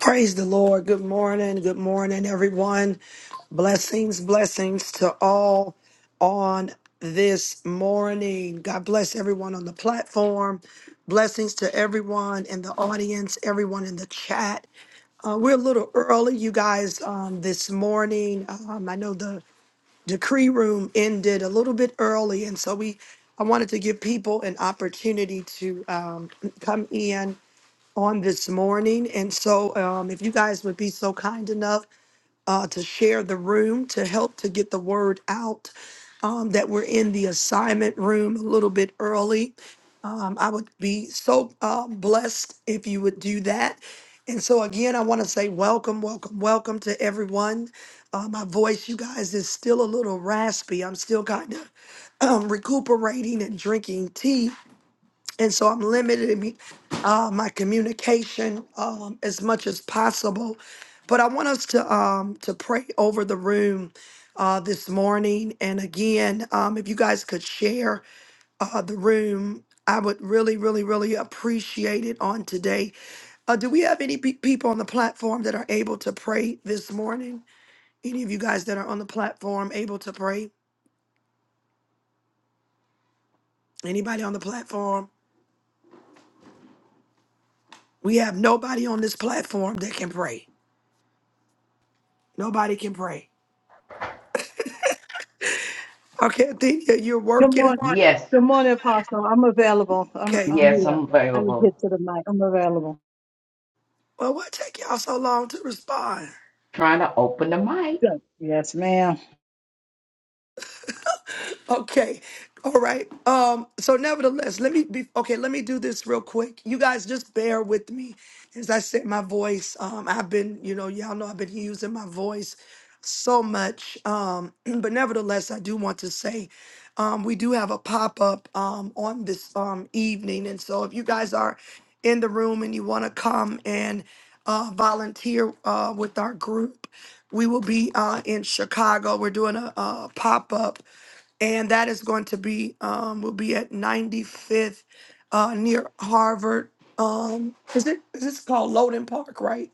Praise the Lord. Good morning. Good morning, everyone. Blessings, blessings to all on this morning. God bless everyone on the platform. Blessings to everyone in the audience, everyone in the chat. Uh, we're a little early, you guys, um, this morning. Um, I know the decree room ended a little bit early, and so we I wanted to give people an opportunity to um, come in on this morning. And so, um, if you guys would be so kind enough uh, to share the room to help to get the word out um, that we're in the assignment room a little bit early, um, I would be so uh, blessed if you would do that. And so, again, I want to say welcome, welcome, welcome to everyone. Uh, my voice, you guys, is still a little raspy. I'm still kind of um, recuperating and drinking tea and so I'm limited in me, uh, my communication um, as much as possible. But I want us to um, to pray over the room uh, this morning, and again, um, if you guys could share uh, the room. I would really, really, really appreciate it on today. Uh, do we have any pe- people on the platform that are able to pray this morning? Any of you guys that are on the platform able to pray? Anybody on the platform? We have nobody on this platform that can pray. Nobody can pray. Okay, Athenia, you're Good working. morning. Yes, Good morning, Apostle. I'm available. I'm Okay. I'm yes, here. I'm I can available. get to the mic. I'm available. Well, what take y'all so long to respond? Trying to open the mic. Good. Yes, ma'am. Okay. All right. Um, so nevertheless, let me be okay, let me do this real quick. You guys just bear with me. As I said, my voice, um, I've been, you know, y'all know I've been using my voice so much. Um, but nevertheless, I do want to say um we do have a pop-up um on this um evening. And so if you guys are in the room and you want to come and uh volunteer uh with our group, we will be uh in Chicago. We're doing a, a pop-up and that is going to be um will be at 95th uh near Harvard. Um is it is this called Loden Park, right?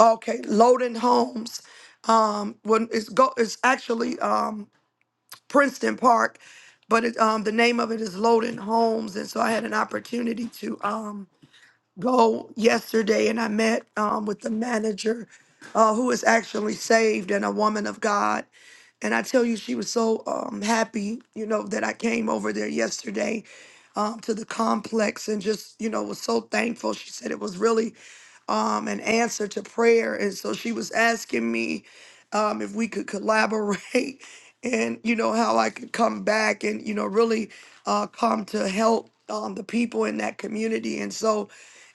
Okay, Loden Homes. Um when it's go it's actually um Princeton Park, but it um the name of it is Loden Homes and so I had an opportunity to um go yesterday and I met um, with the manager uh, who is actually saved and a woman of God. And I tell you, she was so um, happy, you know, that I came over there yesterday um, to the complex and just, you know, was so thankful. She said it was really um, an answer to prayer. And so she was asking me um, if we could collaborate and, you know, how I could come back and, you know, really uh, come to help um, the people in that community. And so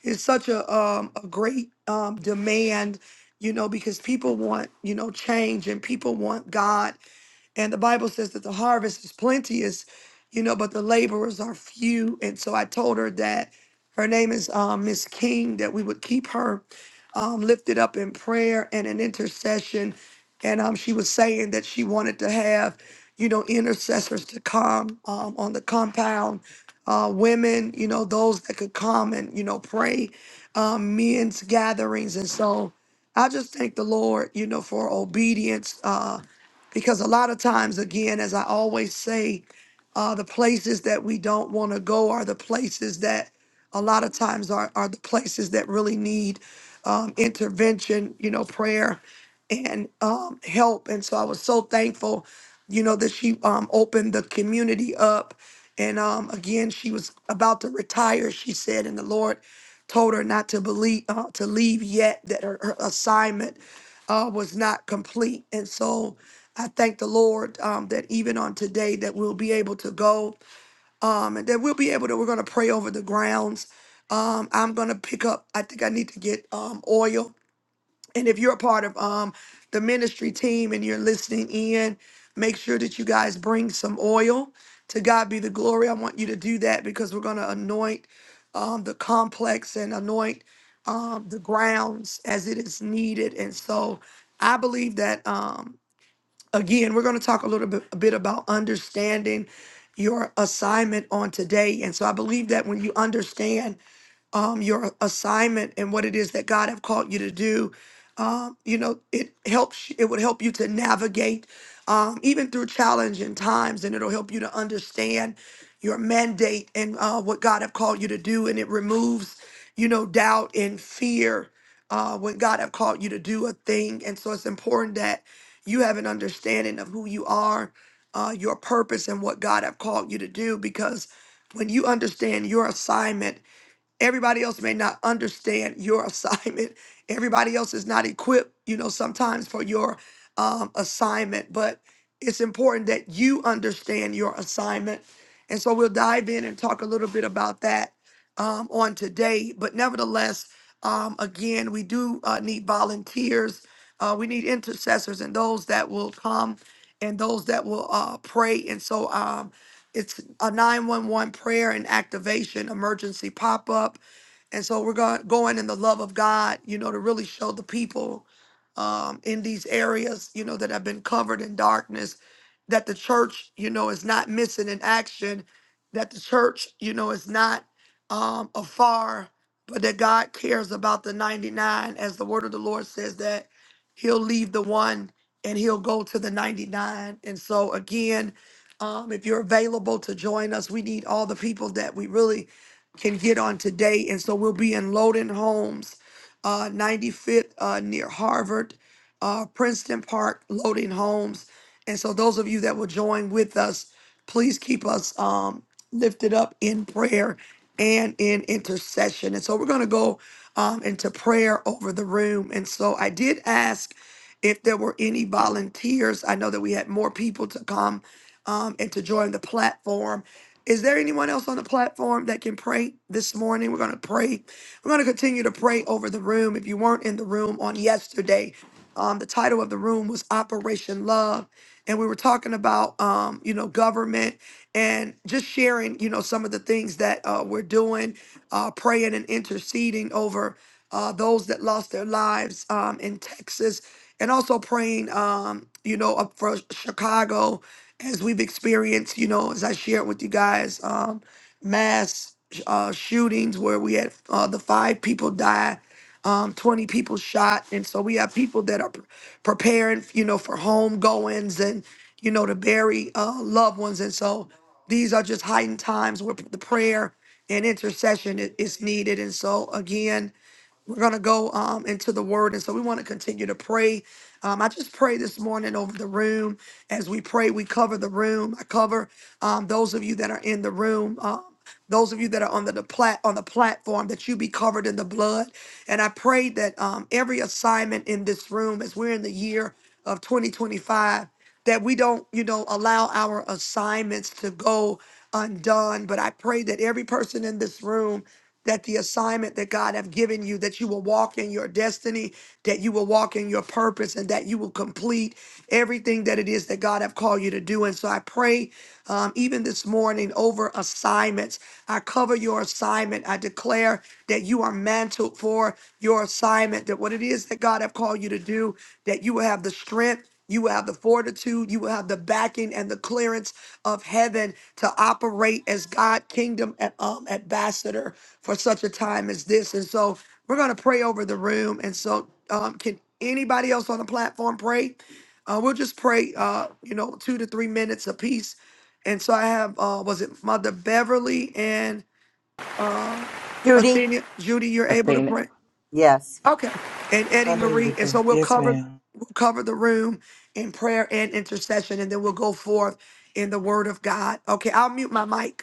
it's such a um, a great um, demand, you know, because people want you know change and people want God and the Bible says that the harvest is plenteous, you know, but the laborers are few. And so I told her that her name is um, Miss King, that we would keep her um, lifted up in prayer and in intercession. And um, she was saying that she wanted to have, you know, intercessors to come um, on the compound, uh, women, you know, those that could come and, you know, pray, um, men's gatherings. And so I just thank the Lord, you know, for obedience. Uh, because a lot of times again as i always say uh, the places that we don't want to go are the places that a lot of times are, are the places that really need um, intervention you know prayer and um, help and so i was so thankful you know that she um, opened the community up and um, again she was about to retire she said and the lord told her not to believe uh, to leave yet that her, her assignment uh, was not complete. And so I thank the Lord um, that even on today that we'll be able to go um, and that we'll be able to, we're going to pray over the grounds. Um, I'm going to pick up, I think I need to get um, oil and if you're a part of um the ministry team and you're listening in, make sure that you guys bring some oil. To God be the glory. I want you to do that because we're gonna anoint um the complex and anoint um the grounds as it is needed. And so I believe that um again we're gonna talk a little bit a bit about understanding your assignment on today. And so I believe that when you understand um, your assignment and what it is that God have called you to do. Um, you know, it helps. It would help you to navigate um, even through challenging times, and it'll help you to understand your mandate and uh, what God have called you to do. And it removes, you know, doubt and fear uh, when God have called you to do a thing. And so it's important that you have an understanding of who you are, uh, your purpose, and what God have called you to do, because when you understand your assignment everybody else may not understand your assignment everybody else is not equipped you know sometimes for your um, assignment but it's important that you understand your assignment and so we'll dive in and talk a little bit about that um, on today but nevertheless um, again we do uh, need volunteers uh, we need intercessors and those that will come and those that will uh, pray and so um, it's a 911 prayer and activation emergency pop up. And so we're going going in the love of God, you know, to really show the people um, in these areas, you know, that have been covered in darkness, that the church, you know, is not missing in action, that the church, you know, is not um, afar, but that God cares about the 99, as the word of the Lord says that He'll leave the one and He'll go to the 99. And so again, um, if you're available to join us, we need all the people that we really can get on today. And so we'll be in Loden Homes, uh, 95th uh, near Harvard, uh, Princeton Park, Loden Homes. And so those of you that will join with us, please keep us um, lifted up in prayer and in intercession. And so we're going to go um, into prayer over the room. And so I did ask. If there were any volunteers, I know that we had more people to come um, and to join the platform. Is there anyone else on the platform that can pray this morning? We're going to pray. We're going to continue to pray over the room. If you weren't in the room on yesterday, um, the title of the room was Operation Love. And we were talking about, um, you know, government and just sharing, you know, some of the things that uh, we're doing, uh, praying and interceding over uh, those that lost their lives um, in Texas, and also praying, um, you know, up for Chicago as we've experienced, you know, as I shared with you guys, um, mass uh, shootings where we had uh, the five people die, um, 20 people shot. And so we have people that are pre- preparing, you know, for home goings and, you know, to bury uh, loved ones. And so these are just heightened times where the prayer and intercession i- is needed. And so, again, we're going to go um, into the word. And so we want to continue to pray. Um, I just pray this morning over the room. As we pray, we cover the room. I cover um, those of you that are in the room. Um, those of you that are on the, the plat on the platform that you be covered in the blood and i pray that um, every assignment in this room as we're in the year of 2025 that we don't, you know, allow our assignments to go undone. But I pray that every person in this room, that the assignment that God have given you, that you will walk in your destiny, that you will walk in your purpose, and that you will complete everything that it is that God have called you to do. And so I pray um, even this morning over assignments. I cover your assignment. I declare that you are mantled for your assignment, that what it is that God have called you to do, that you will have the strength you will have the fortitude, you will have the backing and the clearance of heaven to operate as God kingdom and, um, ambassador for such a time as this. And so we're going to pray over the room. And so, um, can anybody else on the platform pray? Uh, we'll just pray, uh, you know, two to three minutes apiece. And so I have, uh, was it Mother Beverly and Judy? Athenia? Judy, you're A able to thing. pray? Yes. Okay. And Eddie Marie. And Hallelujah. so we'll Yes, cover ma'am. we'll cover the room in prayer and intercession, and then we'll go forth in the word of God. Okay, I'll mute my mic.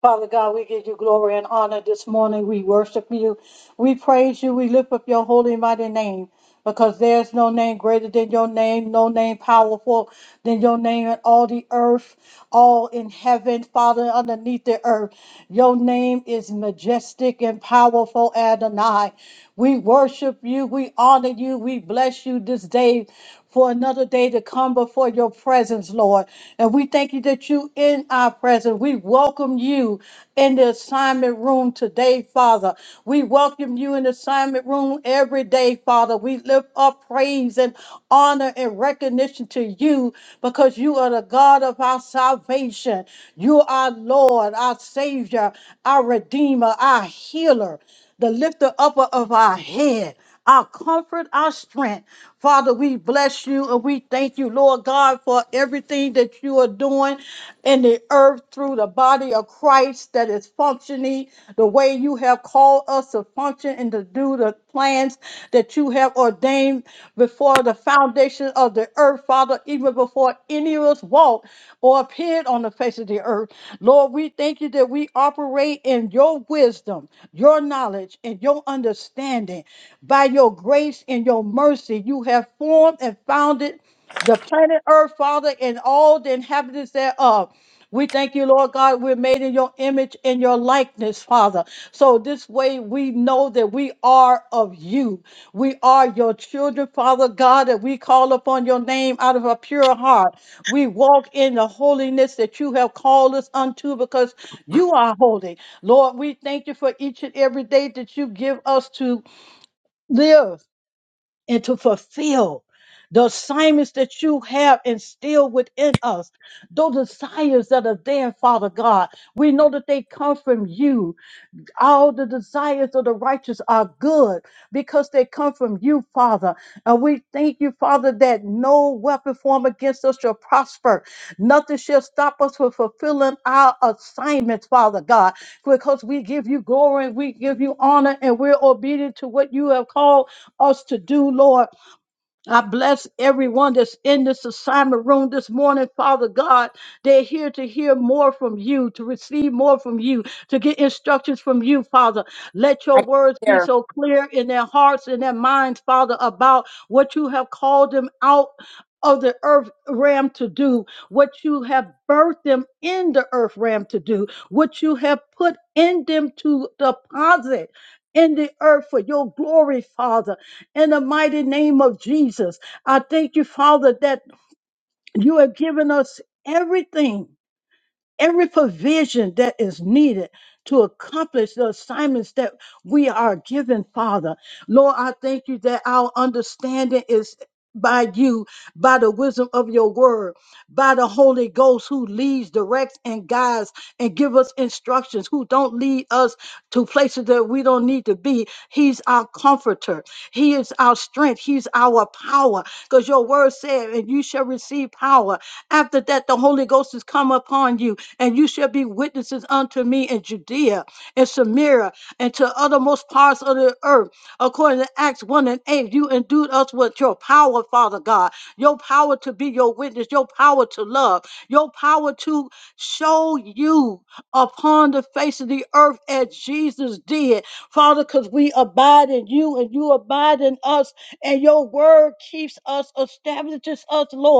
Father God, we give you glory and honor this morning. We worship you. We praise you. We lift up your holy and mighty name because there's no name greater than your name, no name powerful than your name in all the earth, all in heaven, Father, underneath the earth. Your name is majestic and powerful, Adonai. We worship you. We honor you. We bless you this day for another day to come before your presence, Lord. And we thank you that you in our presence. We welcome you in the assignment room today, Father. We welcome you in the assignment room every day, Father. We lift up praise and honor and recognition to you because you are the God of our salvation. You are our Lord, our Savior, our Redeemer, our healer, the lifter upper of our head our comfort, our strength. Father, we bless you and we thank you, Lord God, for everything that you are doing in the earth through the body of Christ that is functioning the way you have called us to function and to do the plans that you have ordained before the foundation of the earth, Father, even before any of us walked or appeared on the face of the earth. Lord, we thank you that we operate in your wisdom, your knowledge, and your understanding. By your grace and your mercy, you have formed and founded the planet Earth, Father, and all the inhabitants thereof. We thank you, Lord God. We're made in your image and your likeness, Father. So this way we know that we are of you. We are your children, Father God, that we call upon your name out of a pure heart. We walk in the holiness that you have called us unto because you are holy. Lord, we thank you for each and every day that you give us to live and to fulfill the assignments that you have instilled within us, those desires that are there, Father God. We know that they come from you all the desires of the righteous are good because they come from you, Father. And we thank you, Father, that no weapon formed against us shall prosper. Nothing shall stop us from fulfilling our assignments, Father God, because we give you glory, and we give you honor, and we're obedient to what you have called us to do, Lord. I bless everyone that's in this assignment room this morning, Father God. They're here to hear more from you, to receive more from you, to get instructions from you, Father. Let I your can't words be hear. so clear in their hearts and their minds, Father, about what you have called them out of the earth realm to do, what you have birthed them in the earth realm to do, what you have put in them to deposit in the earth for your glory, Father in the mighty name of Jesus. I thank you, Father, that you have given us everything every provision that is needed to accomplish the assignments that we are given, Father. Lord, I thank you that our understanding is by you, by the wisdom of your word, by the Holy Ghost who leads, directs, and guides and give us instructions, who don't lead us to places that we don't need to be. He's our comforter. He is our strength. He's our power. Because your word said, and you shall receive power after that, the Holy Ghost has come upon you, and you shall be witnesses unto me in Judea and Samaria and to othermost parts of the earth. According to Acts 1 and 8, you endued us with your power, Father God, your power to be your witness, your power to love, your power to show you upon the face of the earth as Jesus did, Father, because we abide in you and you abide in us, and your word keeps us, establishes us, Lord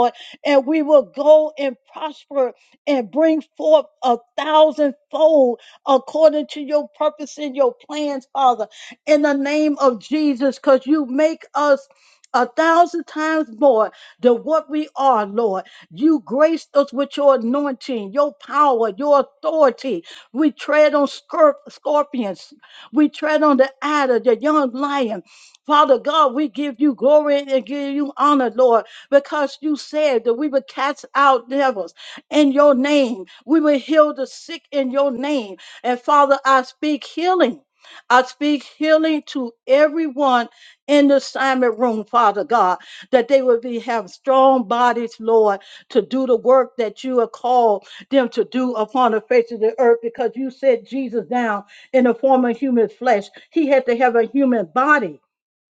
and we will go and prosper and bring forth a thousandfold according to your purpose and your plans, Father, in the name of Jesus, because you make us a thousand times more than what we are, Lord. You graced us with your anointing, your power, your authority. We tread on scor- scorpions, we tread on the adder, the young lion. Father God, we give you glory and give you honor, Lord because you said that we would cast out devils in your name. We will heal the sick in your name. And Father, I speak healing. I speak healing to everyone in the assignment room, Father God, that they will be have strong bodies, Lord, to do the work that you have called them to do upon the face of the earth, because you set Jesus down in the form of human flesh. He had to have a human body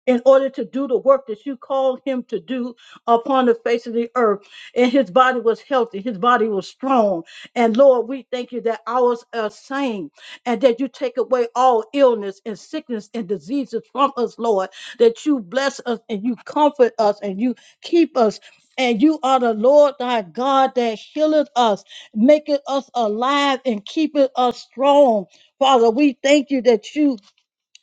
in order to do the work that you called him to do upon the face of the earth. And his body was healthy, his body was strong. And Lord, we thank you that ours are sane and that you take away all illness and sickness and diseases from us, Lord, that you bless us and you comfort us and you keep us. And you are the Lord thy God that healeth us, maketh us alive, and keepeth us strong. Father, we thank you that you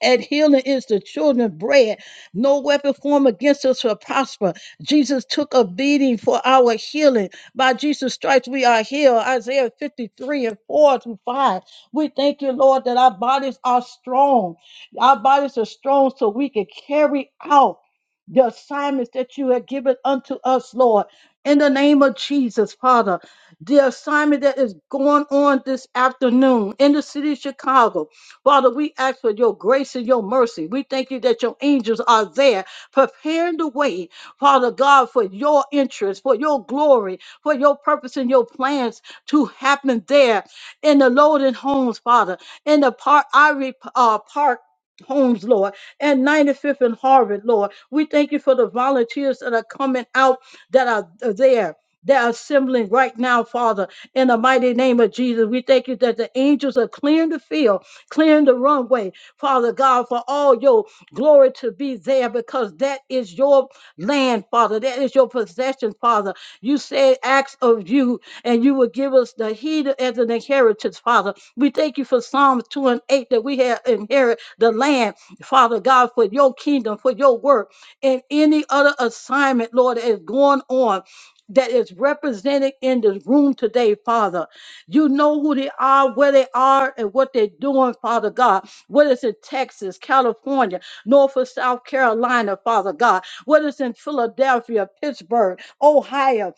and healing is the children's bread. No weapon formed against us shall prosper. Jesus took a beating for our healing. By Jesus' stripes we are healed. Isaiah 53 and 4 through 5. We thank you, Lord, that our bodies are strong. Our bodies are strong so we can carry out the assignments that you have given unto us, Lord. In the name of Jesus, Father, the assignment that is going on this afternoon in the city of Chicago, Father, we ask for your grace and your mercy. We thank you that your angels are there preparing the way, Father God, for your interest, for your glory, for your purpose and your plans to happen there in the Loden homes, Father, in the park, Ivory uh, Park. Homes, Lord, and 95th and Harvard, Lord. We thank you for the volunteers that are coming out that are there, that are assembling right now, Father, in the mighty name of Jesus. We thank you that the angels are clearing the field Clearing the runway, Father God, for all your glory to be there because that is your land, Father. That is your possession, Father. You said acts of you, and you will give us the heed as an inheritance, Father. We thank you for Psalms 2 and 8 that we have inherit the land, Father God, for your kingdom, for your work, and any other assignment, Lord, that is going on. That is represented in this room today, Father. You know who they are, where they are, and what they're doing, Father God. Whether it's in Texas, California, North or South Carolina, Father God. Whether it's in Philadelphia, Pittsburgh, Ohio,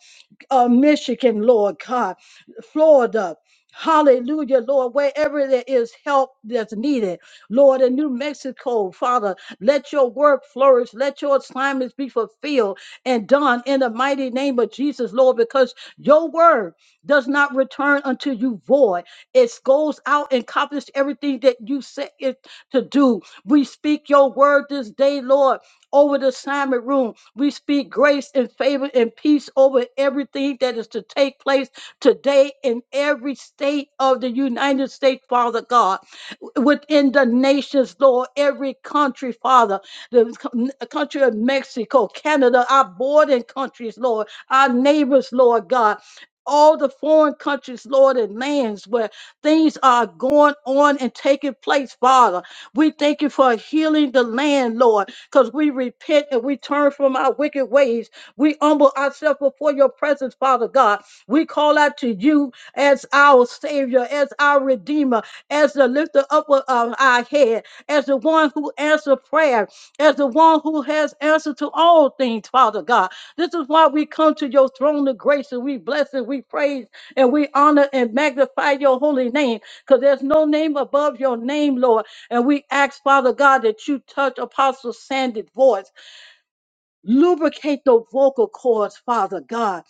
uh, Michigan, Lord God, Florida. Hallelujah, Lord. Wherever there is help that's needed, Lord, in New Mexico, Father, let your work flourish. Let your assignments be fulfilled and done in the mighty name of Jesus, Lord, because your word does not return unto you void. It goes out and accomplishes everything that you set it to do. We speak your word this day, Lord over the assignment room. We speak grace and favor and peace over everything that is to take place today in every state of the United States, Father God, w- within the nations, Lord, every country, Father, the co- n- country of Mexico, Canada, our bordering countries, Lord, our neighbors, Lord God. All the foreign countries, Lord, and lands where things are going on and taking place, Father. We thank you for healing the land, Lord because we repent and we turn from our wicked ways. We humble ourselves before your presence, Father God. We call out to you as our Savior, as our Redeemer, as the lifter up of of our head, as the one who answers prayer, as the one who has answer to all things, Father God. This is why we come to your throne of grace and we bless and we praise and we honor and magnify your holy name because there's no name above your name, Lord. And we ask, Father God, that you touch Apostle Sandy's voice. Lubricate the vocal cords, Father God.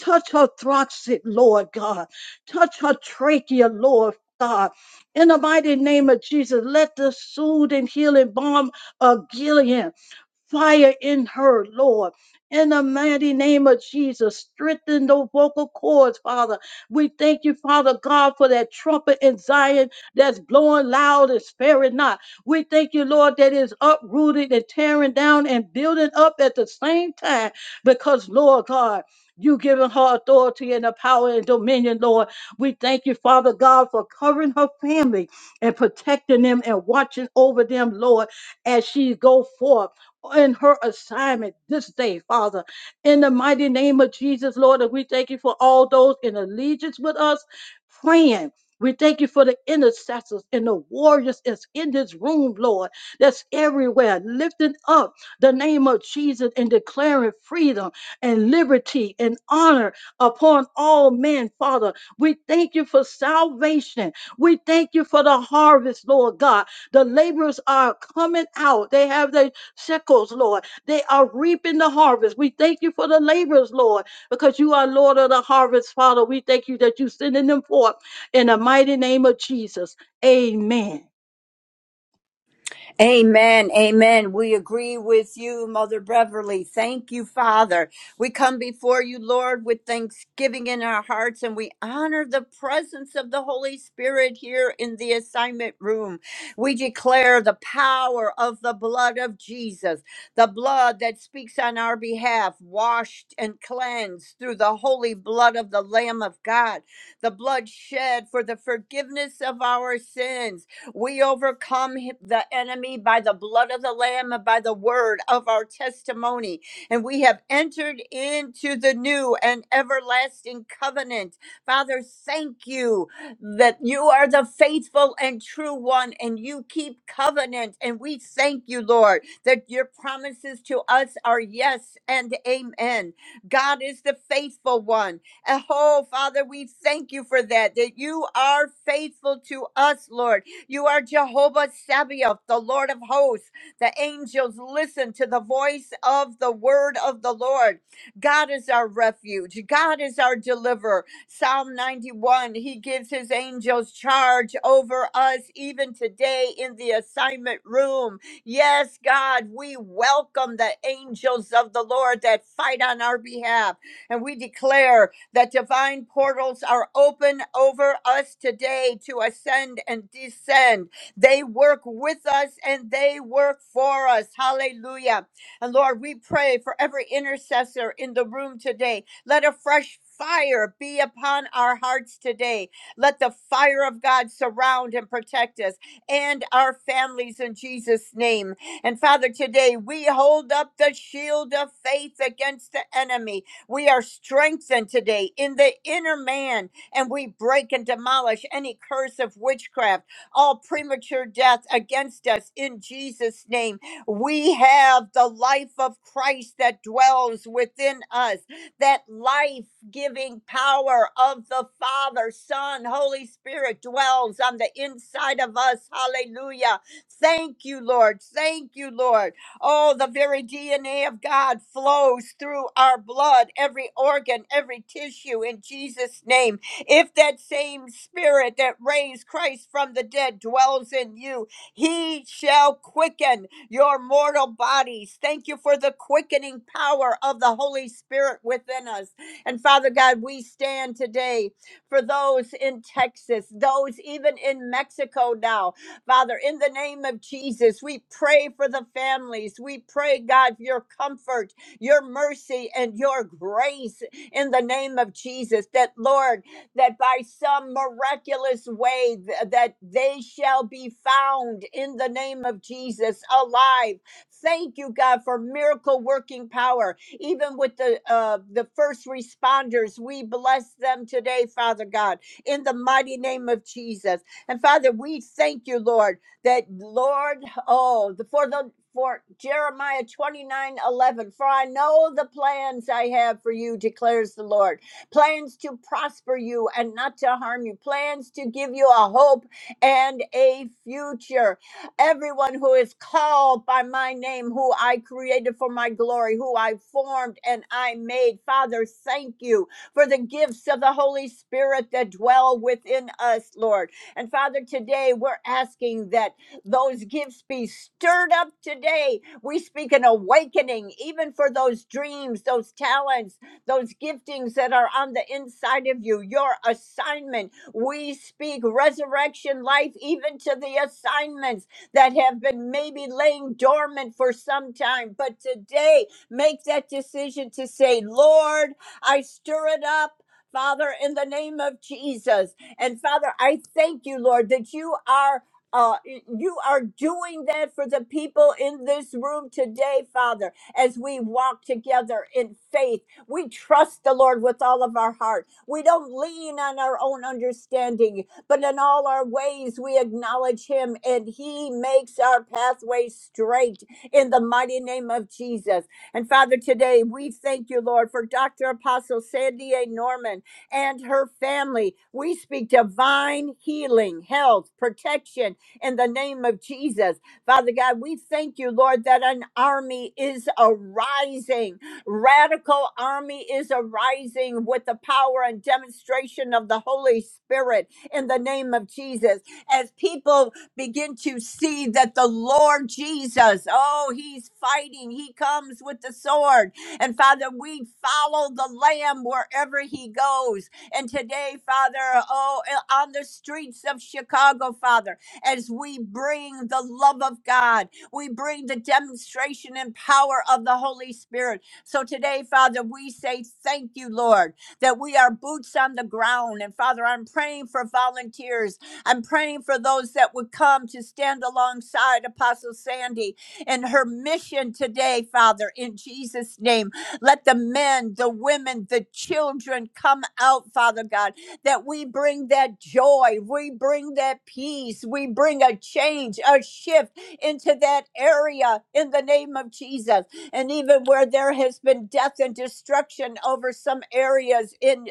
Touch her throxit, Lord God. Touch her trachea, Lord God. In the mighty name of Jesus, let the soothing, healing balm of Gilead fire in her, Lord. In the mighty name of Jesus, strengthen those vocal cords, Father. We thank you, Father God, for that trumpet in Zion that's blowing loud and sparing not. We thank you, Lord, that is uprooted and tearing down and building up at the same time because, Lord God, you given her authority and the power and dominion, Lord. We thank you, Father God, for covering her family and protecting them and watching over them, Lord, as she go forth in her assignment this day, Father. In the mighty name of Jesus, Lord, and we thank you for all those in allegiance with us praying. We thank you for the intercessors and the warriors that's in this room, Lord, that's everywhere, lifting up the name of Jesus and declaring freedom and liberty and honor upon all men, Father. We thank you for salvation. We thank you for the harvest, Lord God. The laborers are coming out, they have their shekels, Lord. They are reaping the harvest. We thank you for the laborers, Lord, because you are Lord of the harvest, Father. We thank you that you're sending them forth in the mighty name of Jesus. Amen. Amen. Amen. We agree with you, Mother Beverly. Thank you, Father. We come before you, Lord, with thanksgiving in our hearts, and we honor the presence of the Holy Spirit here in the assignment room. We declare the power of the blood of Jesus, the blood that speaks on our behalf, washed and cleansed through the holy blood of the Lamb of God, the blood shed for the forgiveness of our sins we overcome hi- the enemy by the blood of the Lamb and by the word of our testimony. And we have entered into the new and everlasting covenant. Father, thank you that you are the faithful and true one and you keep covenant. And we thank you, Lord, that your promises to us are yes and amen. God is the faithful one. And, Oh, Father, we thank you for that, that you are faithful to us, Lord you are Jehovah Sabaoth, the Lord of hosts. The angels listen to the voice of the word of the Lord. God is our refuge. God is our deliverer. Psalm 91, he gives his angels charge over us even today in the assignment room. Yes, God, we welcome the angels of the Lord that fight on our behalf. And we declare that divine portals are open over us today to ascend and descend. They work with us and they work for us. Hallelujah. And Lord, we pray for every intercessor in the room today. Let a fresh fire be upon our hearts today. Let the fire of God surround and protect us and our families in Jesus' name. And Father, today we hold up the shield of faith against the enemy we are strengthened today in the inner man, and we break and demolish any curse of witchcraft, all premature death against us in Jesus' name. We have the life of Christ that dwells within us, that life giving power of the Father, Son, Holy Spirit dwells on the inside of us. Hallelujah. Thank you, Lord. Thank you, Lord. Oh, the very DNA of God flows through our blood, every organ, every tissue in Jesus' name. If that same spirit that raised Christ from the dead dwells in you, he shall quicken your mortal bodies. Thank you for the quickening power of the Holy Spirit within us. And Father God, we stand today for those in Texas, those even in Mexico now Father, in the name of Jesus, we pray for the families. We pray, God, for your comfort, your mercy, and your grace in the name of Jesus. That, Lord, that by some miraculous way th- that they shall be found in the name of Jesus alive. Thank you, God, for miracle working power. Even with the uh, the first responders, we bless them today, Father God, in the mighty name of Jesus. And Father, we thank you, Lord, that Lord, oh, the, for the for Jeremiah 29 11. for I know the plans I have for you, declares the Lord. Plans to prosper you and not to harm you, plans to give you a hope and a future. Everyone who is called by my name, who I created for my glory, who I formed and I made, Father, thank you for the gifts of the Holy Spirit that dwell within us, Lord. And Father, today we're asking that those gifts be stirred up today. We speak an awakening, even for those dreams, those talents, those giftings that are on the inside of you, your assignment. We speak resurrection life, even to the assignments that have been maybe laying dormant for some time. But today, make that decision to say, Lord, I stir it up. Father, in the name of Jesus, and Father, I thank you, Lord, that you are. Uh, you are doing that for the people in this room today, Father, as we walk together in faith. We trust the Lord with all of our heart. We don't lean on our own understanding, but in all our ways we acknowledge Him, and He makes our pathway straight in the mighty name of Jesus. And Father, today we thank you, Lord, for Dr. Apostle Sandy A. Norman and her family. We speak divine healing, health, protection in the name of Jesus. Father God, we thank you, Lord, that an army is arising. Radical army is arising with the power and demonstration of the Holy Spirit in the name of Jesus. As people begin to see that the Lord Jesus, oh, he's fighting, he comes with the sword and Father, we follow the Lamb wherever he goes. And today, Father, oh, eh, on the streets of Chicago, Father, as we bring the love of God, we bring the demonstration and power of the Holy Spirit. So today, Father, we say thank you, Lord, that we are boots on the ground. And Father, I'm praying for volunteers. I'm praying for those that would come to stand alongside Apostle Sandy and her mission today, Father, in Jesus' name. Let the men, the women, the children come out, Father God, that we bring that joy, we bring that peace, we bring a change, a shift into that area in the name of Jesus. And even where there has been death and destruction over some areas in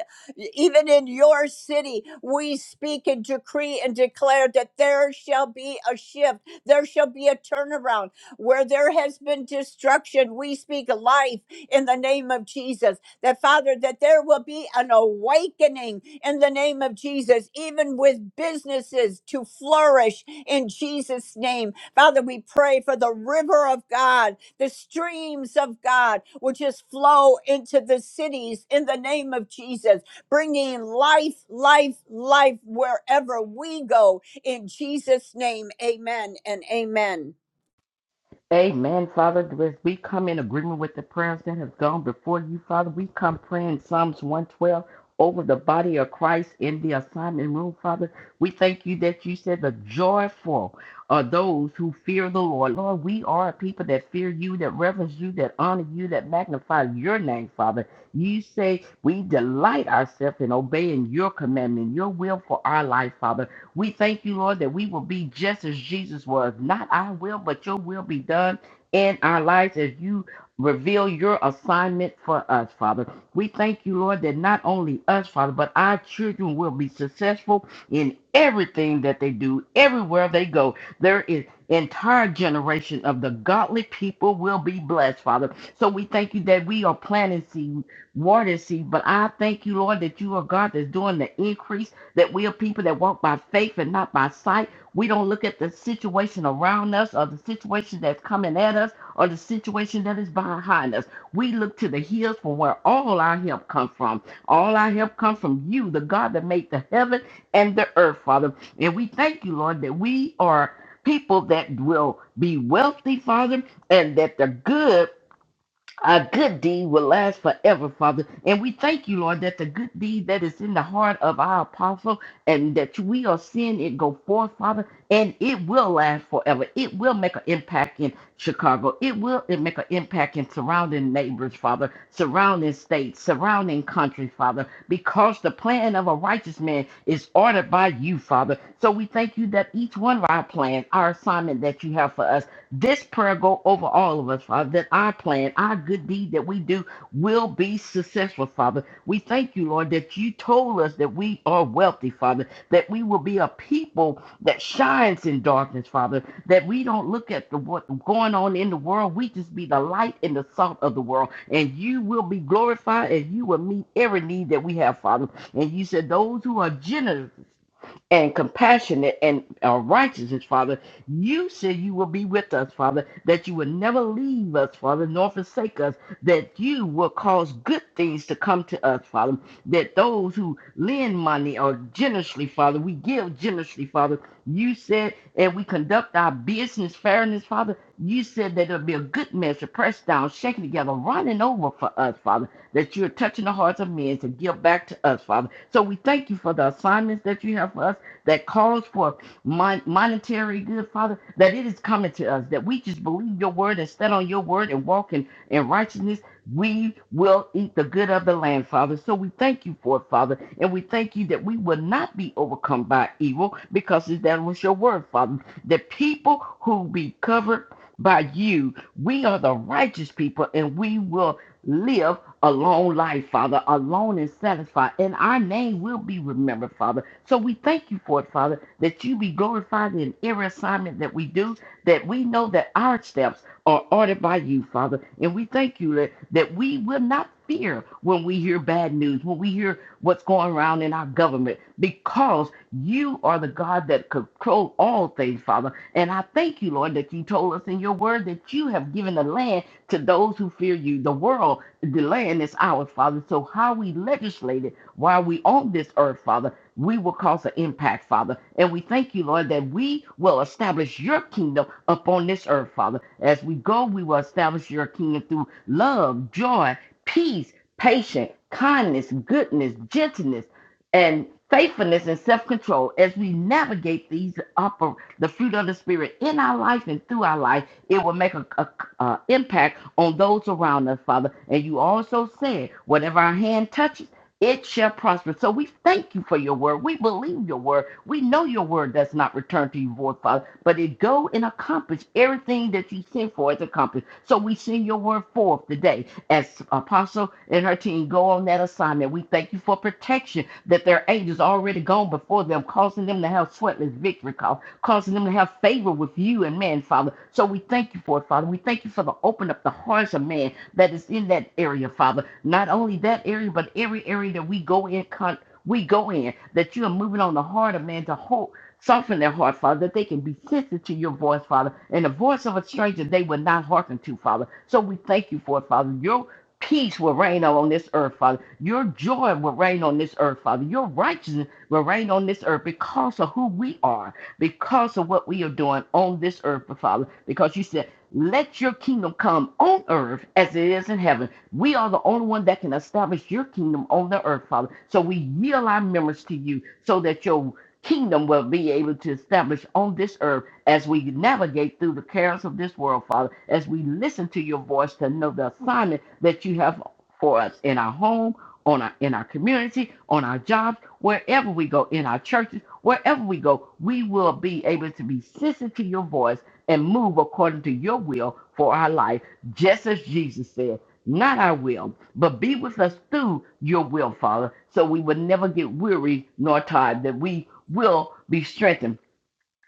even in your city, we speak and decree and declare that there shall be a shift, there shall be a turnaround. Where there has been destruction, we speak life in the name of Jesus. That Father, that there will be an awakening in the name of Jesus, even with businesses to flourish in Jesus' name. Father, we pray for the river of God, the streams of God, which just flow into the cities in the name of Jesus, bringing life, life, life wherever we go. In Jesus' name, amen and amen. Amen, Father. As we come in agreement with the prayers that have gone before you, Father, we come praying Psalms 112 over the body of Christ in the assignment room, Father. We thank you that you said the joyful are those who fear the Lord. Lord, we are a people that fear you, that reverence you, that honor you, that magnify your name, Father. You say we delight ourselves in obeying your commandment, your will for our life, Father. We thank you, Lord, that we will be just as Jesus was. Not our will, but your will be done in our lives as you reveal your assignment for us, Father. We thank you, Lord, that not only us, Father, but our children will be successful in everything that they do, everywhere they go. There is entire generation of the godly people will be blessed, Father. So we thank you that we are planting seed, water seed, but I thank you, Lord, that you are God that's doing the increase that we are people that walk by faith and not by sight. We don't look at the situation around us or the situation that's coming at us or the situation that is behind us. We look to the hills for where all our help comes from. All our help comes from you, the God that made the heaven and the earth, Father. And we thank you, Lord, that we are people that will be wealthy, Father, and that the good a good deed will last forever, Father. And we thank you, Lord, that the good deed that is in the heart of our apostle and that we are seeing it go forth, Father, and it will last forever. It will make an impact in Chicago. It will it make an impact in surrounding neighbors, Father, surrounding states, surrounding countries, Father, because the plan of a righteous man is ordered by you, Father. So we thank you that each one of our plans, our assignment that you have for us this prayer go over all of us, Father, that our plan, our good deed that we do will be successful, Father. We thank you, Lord, that you told us that we are wealthy, Father, that we will be a people that shines in darkness, Father, that we don't look at the what's going on in the world. We just be the light and the salt of the world. And you will be glorified and you will meet every need that we have, Father. And you said those who are generous and compassionate and uh, righteousness, Father. You said you will be with us, Father, that you will never leave us, Father, nor forsake us, that you will cause good things to come to us, Father, that those who lend money or generously, Father, we give generously, Father. You said, and we conduct our business fairness, Father. You said that it'll be a good measure, pressed down, shaken together, running over for us, Father, that you're touching the hearts of men to give back to us, Father. So we thank you for the assignments that you have for us that calls for mon- monetary good, Father, that it is coming to us, that we just believe your word and stand on your word and walk in, in righteousness. We will eat the good of the land, Father. So we thank you for it, Father. And we thank you that we will not be overcome by evil because that was your word, Father. The people who be covered by you, we are the righteous people and we will live a long life, Father, alone and satisfied. And our name will be remembered, Father. So we thank you for it, Father, that you be glorified in every assignment that we do, that we know that our steps are ordered by you, Father. And we thank you that, that we will not fear when we hear bad news, when we hear what's going around in our government, because you are the God that controls all things, Father. And I thank you, Lord, that you told us in your word that you have given the land to those who fear you. The world, delaying is ours, Father. So how we legislate it while we on this earth, Father, we will cause an impact, Father. And we thank you, Lord, that we will establish your kingdom upon this earth, Father. As we go, we will establish your kingdom through love, joy, peace, patience, kindness, goodness, gentleness, and faithfulness and self-control as we navigate these upper the fruit of the spirit in our life and through our life it will make a, a uh, impact on those around us, Father. And you also said, whatever our hand touches, it shall prosper. So we thank you for your word. We believe your word. We know your word does not return to you void, Father, but it go and accomplish everything that you sent for it to accomplish. So we send your word forth today as Apostle and her team go on that assignment. We thank you for protection that their angels already gone before them, causing them to have sweatless victory, Cause causing them to have favor with you and man, Father. So we thank you for it, Father. We thank you for the open up the hearts of man that is in that area, Father. Not only that area, but every area that we go in, con- we go in, that you are moving on the heart of man to hold. Soften their heart, Father, that they can be sensitive to your voice, Father, and the voice of a stranger they will not hearken to, Father. So we thank you for it, Father. Your peace will reign on this earth, Father. Your joy will reign on this earth, Father. Your righteousness will reign on this earth because of who we are because of what we are doing on this earth, Father. Because you said, let your kingdom come on earth as it is in heaven. We are the only one that can establish your kingdom on the earth, Father. So we yield our members to you so that your kingdom will be able to establish on this earth as we navigate through the cares of this world, Father, as we listen to your voice to know the assignment that you have for us in our home on our in our community, on our jobs, wherever we go, in our churches, wherever we go, we will be able to be sensitive to your voice and move according to your will for our life, just as Jesus said, not our will, but be with us through your will, Father, so we will never get weary nor tired, that we will be strengthened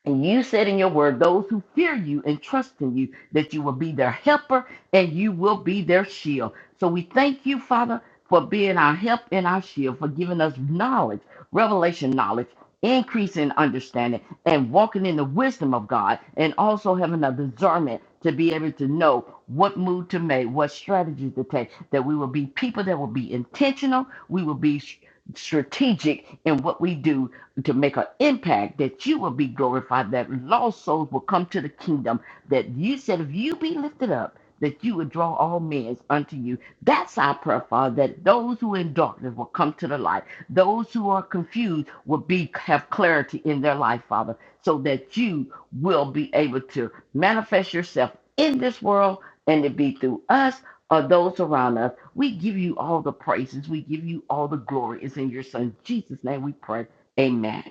and you said in your word, those who fear you and trust in you, that you will be their helper and you will be their shield. So we thank you, Father, for being our help and our shield, for giving us knowledge, revelation knowledge, increase in understanding, and walking in the wisdom of God, and also having a discernment to be able to know what move to make, what strategy to take, that we will be people that will be intentional, we will be s- strategic in what we do, to make an impact that you will be glorified, that lost souls will come to the kingdom, that you said, if you be lifted up, that you would draw all men unto you. That's our prayer, Father, that those who are in darkness will come to the light. Those who are confused will be have clarity in their life, Father, so that you will be able to manifest yourself in this world and it be through us or those around us. We give you all the praises. We give you all the glory. It's in your son Jesus' name we pray. Amen.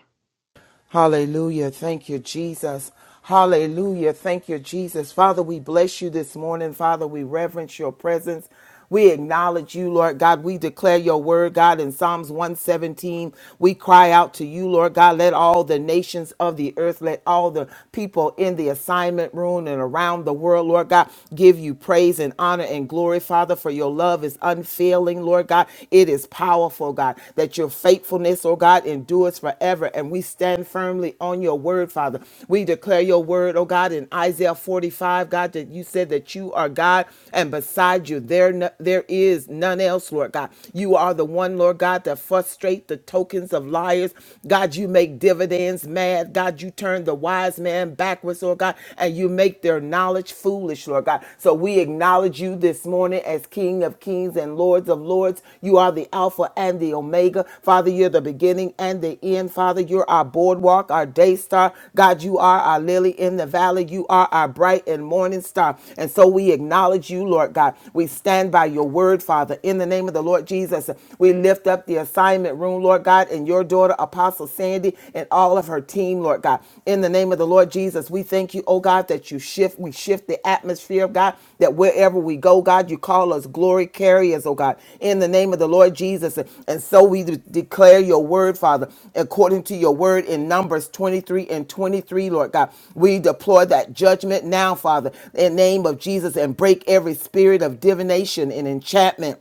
Hallelujah. Thank you, Jesus. Hallelujah. Thank you, Jesus. Father, we bless you this morning. Father, we reverence your presence. We acknowledge you, Lord God. We declare your word, God, in Psalms 117. We cry out to you, Lord God. Let all the nations of the earth, let all the people in the assignment room and around the world, Lord God, give you praise and honor and glory, Father, for your love is unfailing, Lord God. word, God. It is powerful, God, that your faithfulness, oh God, endures forever. And we stand firmly on your word, Father. We declare your word, oh God, in Isaiah 45, God, that you said that you are God and beside you there, no- there is none else, Lord God. You are the one, Lord God, that frustrate the tokens of liars. God, you make dividends mad. God, you turn the wise man backwards, oh God, and you make their knowledge acknowledge foolish, Lord God. So we acknowledge you this morning as King of kings and Lords of lords. You are the Alpha and the Omega. Father, you're the beginning and the end. Father, you're our boardwalk, our day star. God, you are our lily in the valley. You are our bright and morning star. And so we acknowledge you, Lord God. We stand by your word, Father. In the name of the Lord Jesus, we lift up the assignment room, Lord God, and your daughter, Apostle Sandy. Cindy and all of her team, Lord God. In the name of the Lord Jesus, we thank you, oh God, that you shift, we shift the atmosphere, God, that wherever we go, God, you call us glory carriers, oh God. In the name of the Lord Jesus. And so we de- declare your word, Father, according to your word in Numbers 23 and 23, Lord God. We deploy that judgment now, Father, in the name of Jesus, and break every spirit of divination and enchantment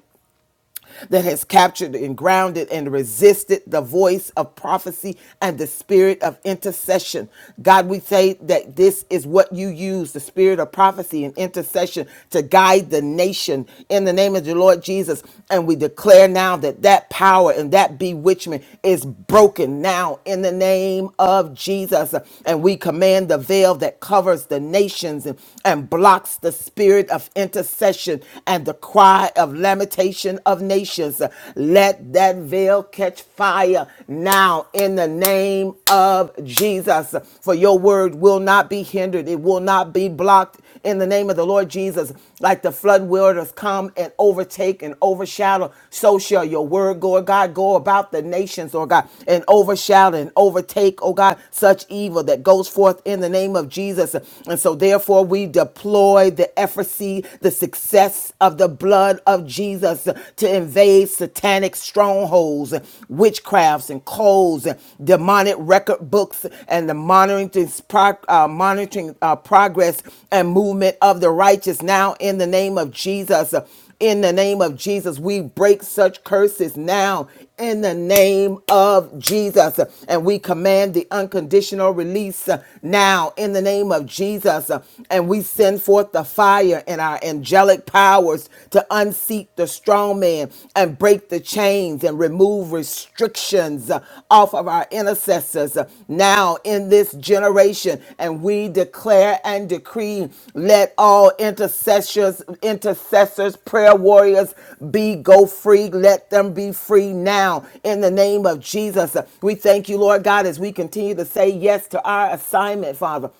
that has captured and grounded and resisted the voice of prophecy and the spirit of intercession. God, we say that this is what you use the spirit of prophecy and intercession to guide the nation in the name of the Lord Jesus. And we declare now that that power and that bewitchment is broken now in the name of Jesus. And we command the veil that covers the nations and, and blocks the spirit of intercession and the cry cry of lamentation of nations. Let that veil catch fire now in the name of Jesus. For your word will not be hindered, it will not be blocked in the name of the Lord Jesus. Like the flood waters come and overtake and overshadow, so shall your word, go, oh God, go about the nations, Lord God, and overshadow and overtake, oh God, such evil that goes forth in the name of Jesus. And so, therefore, we deploy the efficacy see the success of the blood of Jesus to invade satanic strongholds, witchcrafts, and codes, demonic record books, and the monitoring, this pro- uh, monitoring uh, progress and movement of the righteous now in the name of Jesus. In the name of Jesus, we break such curses now in the name of Jesus. And we command the unconditional release uh, now in the name of Jesus. And we send forth the fire and our angelic powers to unseat the strong man and break the chains and remove restrictions sins uh, off of our intercessors uh, now in this generation. And we declare and decree let all intercessors, intercessors, prayer warriors be go free. Let them be free now in the name of Jesus. Uh, We thank you, Lord God, as we continue to say yes to our assignment, Father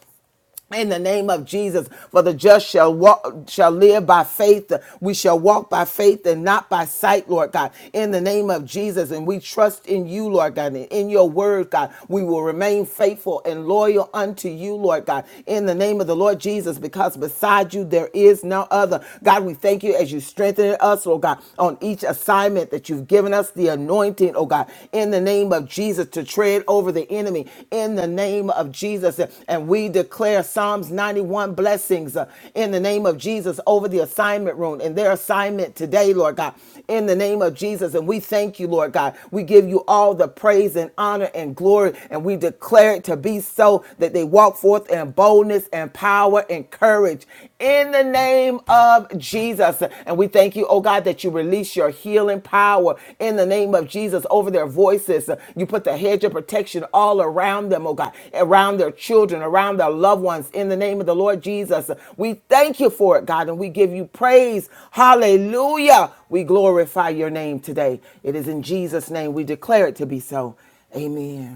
in the name of Jesus, for the just shall walk, shall live by faith. We shall walk by faith and not by sight, Lord God. In the name of Jesus, and we trust in you, Lord God, and in your word, God. We will remain faithful and loyal unto you, Lord God. In the name of the Lord Jesus, because beside you there is no other. God, we thank you as you strengthen us, Lord God, on each assignment that you've given us, the anointing anointing, oh God, in the name of Jesus to tread over the enemy, in the name of Jesus. And we declare Psalms 91 blessings uh, in the name of Jesus over the assignment room and their assignment today, Lord God, in the name of Jesus. And we thank you, Lord God. We give you all the praise and honor and glory, and we declare it to be so that they walk forth in boldness and power and courage in the name of Jesus. And we thank you, oh God, that you release your healing power in the name of Jesus over their voices. You put the hedge of protection all around them, oh God, around their children, around their loved ones in the name of the Lord Jesus. We thank you for it, God, and we give you praise. Hallelujah. We glorify your name today. It is in Jesus' name we declare it to be so. Amen.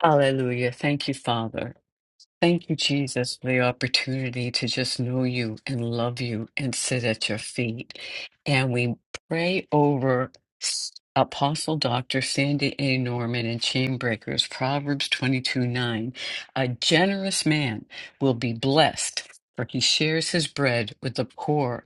Hallelujah. Thank you, Father. Thank you, Jesus, for the opportunity to just know you and love you and sit at your feet. And we pray over S- Apostle Dr. Sandy A. Norman and Chainbreakers, Proverbs 22 9. A generous man will be blessed, for he shares his bread with the poor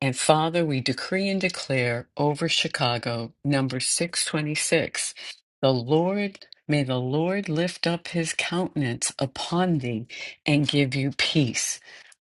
and Father, we decree and declare over Chicago, number 626, the Lord, may the Lord lift up his countenance upon thee and give you peace.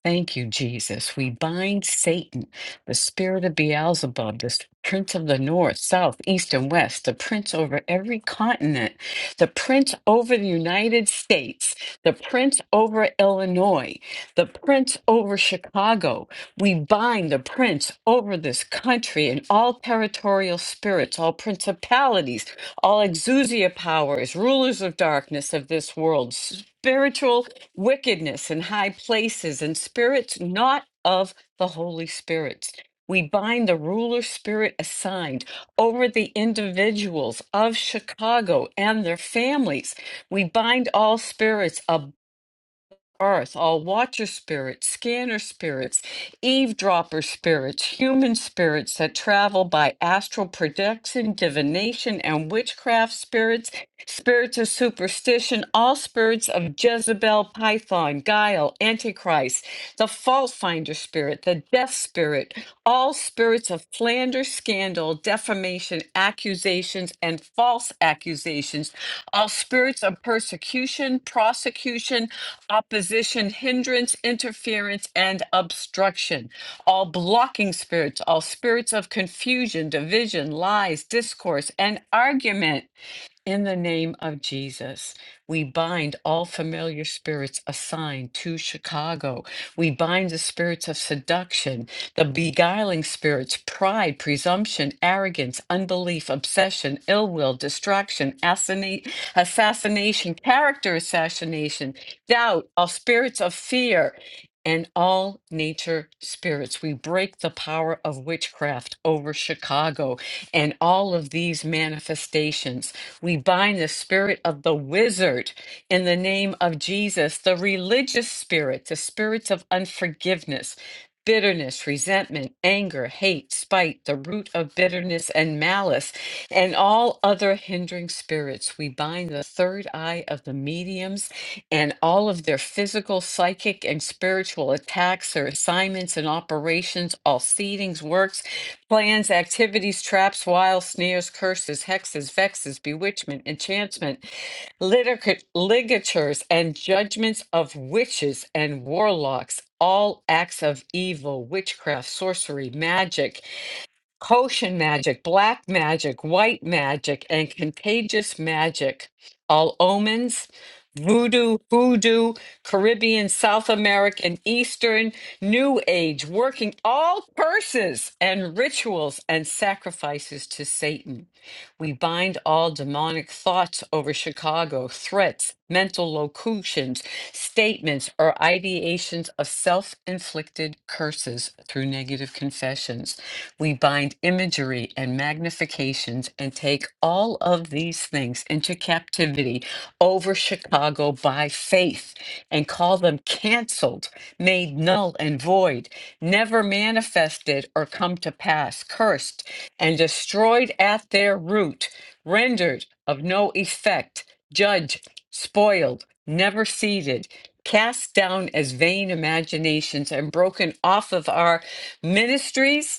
Thank you, Jesus. We bind Satan, the spirit of Beelzebub, the prince of the north, south, east, and west, the prince over every continent, the prince over the United States, the prince over Illinois, the prince over Chicago. We bind the prince over this country and all territorial spirits, all principalities, all exousia powers, rulers of darkness of this world, spiritual wickedness in high places, and spirits not of the Holy Spirits. We bind the ruler spirit assigned over the individuals of Chicago and their families. We bind all spirits of earth, all watcher spirits, scanner spirits, eavesdropper spirits, human spirits that travel by astral projection, divination, and witchcraft spirits, spirits of superstition, all spirits of Jezebel, Python, Guile, Antichrist the fault finder spirit, the death spirit, all spirits of slander, scandal, defamation, accusations, and false accusations, all spirits of persecution, prosecution, opposition, hindrance, interference, and obstruction, all blocking spirits, all spirits of confusion, division, lies, discourse, and argument in the name of Jesus, we bind all familiar spirits assigned to Chicago. We bind the spirits of seduction, the beguiling spirits, pride, presumption, arrogance, unbelief, obsession, ill will, distraction, assassinate, assassination, character assassination, doubt, all spirits of fear. And all nature spirits. We break the power of witchcraft over Chicago and all of these manifestations. We bind the spirit of the wizard in the name of Jesus, the religious spirit, the spirits of unforgiveness, bitterness, resentment, anger, hate, spite, the root of bitterness and malice, and all other hindering spirits. We bind the third eye of the mediums and all of their physical, psychic, and spiritual attacks, their assignments and operations, all seedings, works plans, activities, traps, wiles, snares, curses, hexes, vexes, bewitchment, enchantment, litica- ligatures, and judgments of witches and warlocks, all acts of evil, witchcraft, sorcery, magic, Koshin magic, black magic, white magic, and contagious magic. All omens, voodoo, hoodoo, Caribbean, South American, Eastern, New Age, working all curses and rituals and sacrifices to Satan. We bind all demonic thoughts over Chicago, threats, mental locutions, statements, or ideations of self inflicted curses through negative confessions. We bind imagery and magnifications and take all of these things into captivity over Chicago by faith and call them canceled, made null and void, never manifested or come to pass, cursed and destroyed at their root, rendered of no effect, judged, spoiled, never seated. Cast down as vain imaginations and broken off of our ministries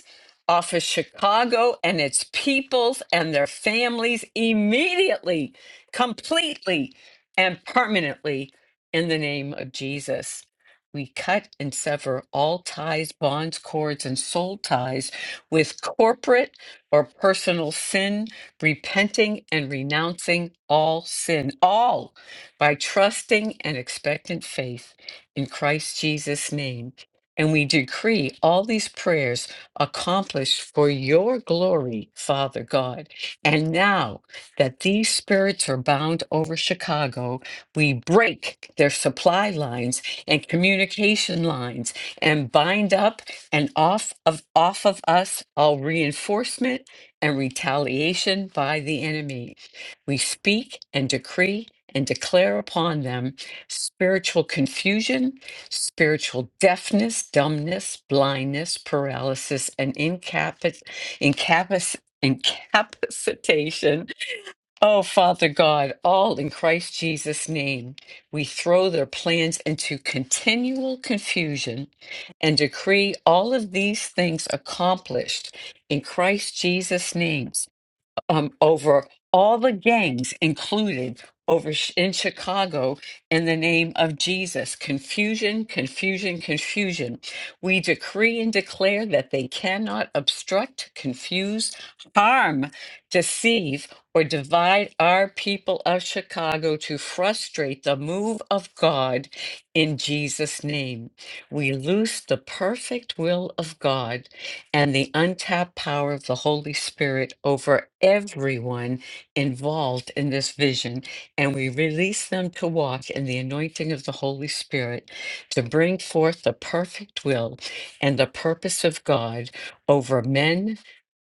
off of Chicago and its peoples and their families immediately, completely, and permanently in the name of Jesus. We cut and sever all ties, bonds, cords, and soul ties with corporate or personal sin, repenting and renouncing all sin, all by trusting and expectant faith in Christ Jesus' name. And we decree all these prayers accomplished for your glory, Father God. And now that these spirits are bound over Chicago, we break their supply lines and communication lines and bind up and off of off of us all reinforcement and retaliation by the enemy. We speak and decree and declare upon them spiritual confusion spiritual deafness, dumbness, blindness, paralysis, and incapacit incapac- incapacitation. Oh, Father God, all in Christ Jesus' name, we throw their plans into continual confusion and decree all of these things accomplished in Christ Jesus' name um, over all the gangs included over Ch- in Chicago in the name of Jesus. Confusion, confusion, confusion. We decree and declare that they cannot obstruct, confuse, harm, deceive, or divide our people of Chicago to frustrate the move of God in Jesus' name. We loose the perfect will of God and the untapped power of the Holy Spirit over everyone involved in this vision. And we release them to walk in the anointing of the Holy Spirit to bring forth the perfect will and the purpose of God over men,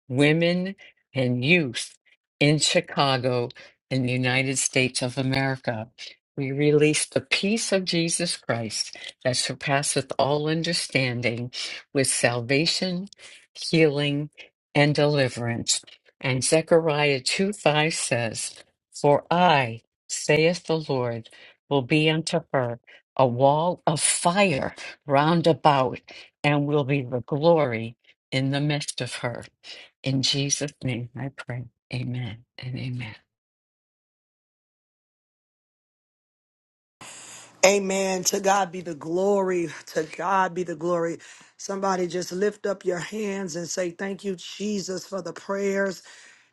women, and youth in Chicago in the United States of America. We release the peace of Jesus Christ that surpasseth all understanding with salvation healing, and deliverance. And Zechariah 2 5 says, For I, saith the Lord, will be unto her a wall of fire round about, and will be the glory in the midst of her. In Jesus' name I pray. Amen and amen. Amen. To God be the glory. To God be the glory. Somebody just lift up your hands and say, Thank you, Jesus, for the prayers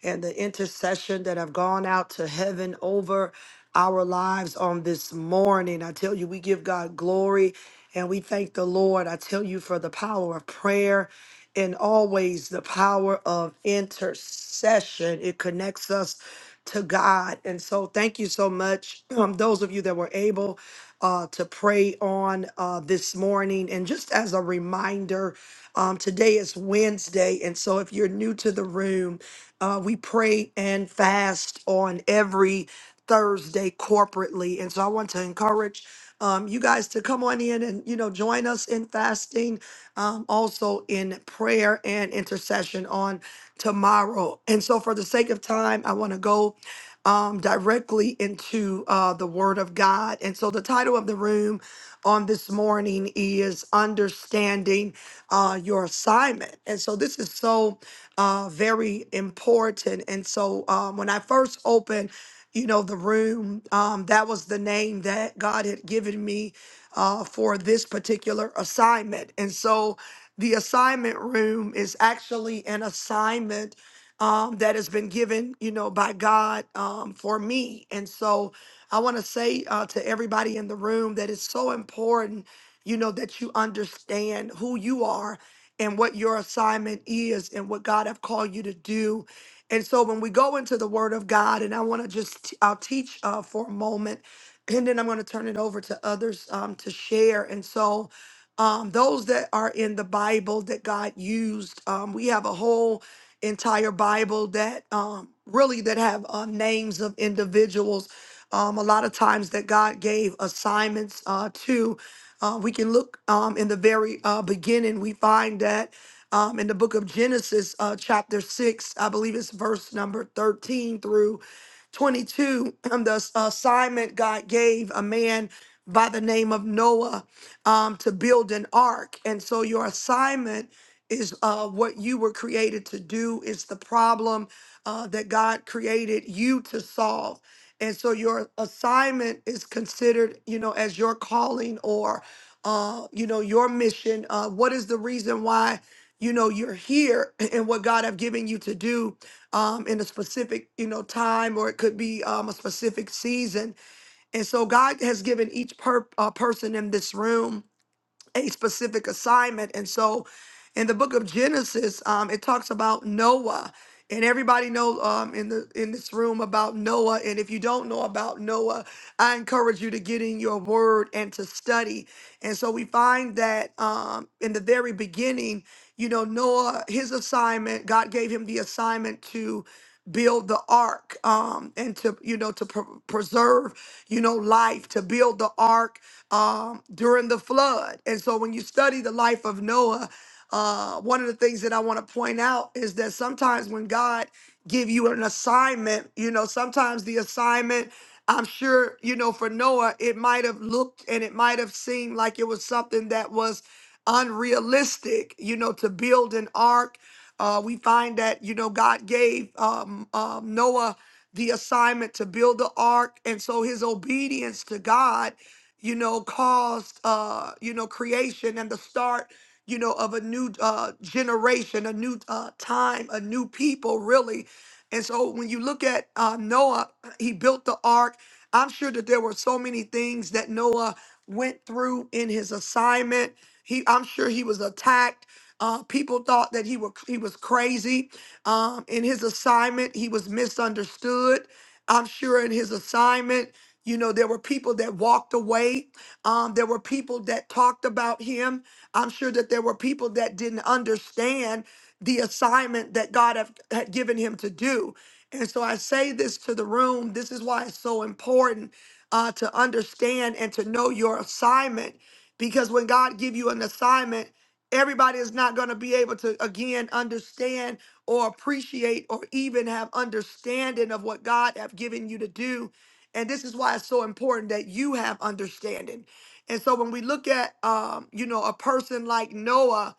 and the intercession that have gone out to heaven over our lives on this morning. I tell you, we give God glory and we thank the Lord. I tell you for the power of prayer and always the power of intercession. It connects us to God. And so, thank you so much. Um, those of you that were able, uh, to pray on uh, this morning. And just as a reminder, um, today is Wednesday. And so if you're new to the room, uh, we pray and fast on every Thursday corporately. And so I want to encourage um, you guys to come on in and, you know, join us in fasting um, also in prayer and intercession on tomorrow. And so, for the sake of time, I want to go um, directly into uh, the Word of God. And so, the title of the room on this morning is Understanding uh, Your Assignment. And so, this is so uh, very important. And so, um, when I first opened, you know, the room. Um, that was the name that God had given me uh, for this particular assignment. And so the assignment room is actually an assignment um, that has been given, you know, by God um, for me. And so I want to say uh, to everybody in the room that it's so important, you know, that you understand who you are and what your assignment is and what God have called you to do and so when we go into the Word of God, and I want to just i I'll teach uh, for a moment, and then I'm going to turn it over to others um, to share. And so um, those that are in the Bible that God used, um, we have a whole entire Bible that um, really that have uh, names of individuals. Um, a lot of times that God gave assignments uh, to. Uh, we can look um, in the very uh, beginning. We find that um, in the book of Genesis, uh, chapter 6, I believe it's verse number 13 through 22. um, the ass- assignment God gave a man by the name of Noah um, to build an ark. And so your assignment is uh, what you were created to do, it's the problem uh, that God created you to solve. And so your assignment is considered, you know, as your calling or, uh, you know, your mission. Uh, what is the reason why? you know you're here and what god have given you to do um in a specific you know time or it could be um a specific season and so god has given each per- uh, person in this room a specific assignment. And so in the book of Genesis, um, it talks about Noah. And everybody knows um, in the in this room about Noah. And if you don't know about Noah, I encourage you to get in your word and to study. And so we find that um, in the very beginning, you know, Noah, his assignment, God gave him the assignment to build the ark um and to you know to pr- preserve you know life to build the ark um during the flood and so when you study the life of noah uh one of the things that i want to point out is that sometimes when god give you an assignment you know sometimes the assignment i'm sure you know for noah it might have looked and it might have seemed like it was something that was unrealistic you know to build an ark uh, we find that, you know, God gave um, um, Noah the assignment to build the ark. And so his obedience to God, you know, caused, uh, you know, creation and the start, you know, of a new uh, generation, a new uh, time, a new people, really and so when you look at uh, Noah, he built the ark. I'm sure that there were so many things that Noah went through in his assignment. He, I'm sure he was attacked. Uh, people thought that he were he was crazy. Um, in his assignment, he was misunderstood. I'm sure in his assignment, you know, there were people that walked away. Um, there were people that talked about him. I'm sure that there were people that didn't understand the assignment that God have, had given him to do. And so I say this to the room. This is why it's so important uh, to understand and to know your assignment, because when God give you an assignment, everybody is not going to be able to again understand or appreciate or even have understanding of what God have given you to do. And this is why it's so important that you have understanding. And so when we look at um, you know, a person like Noah,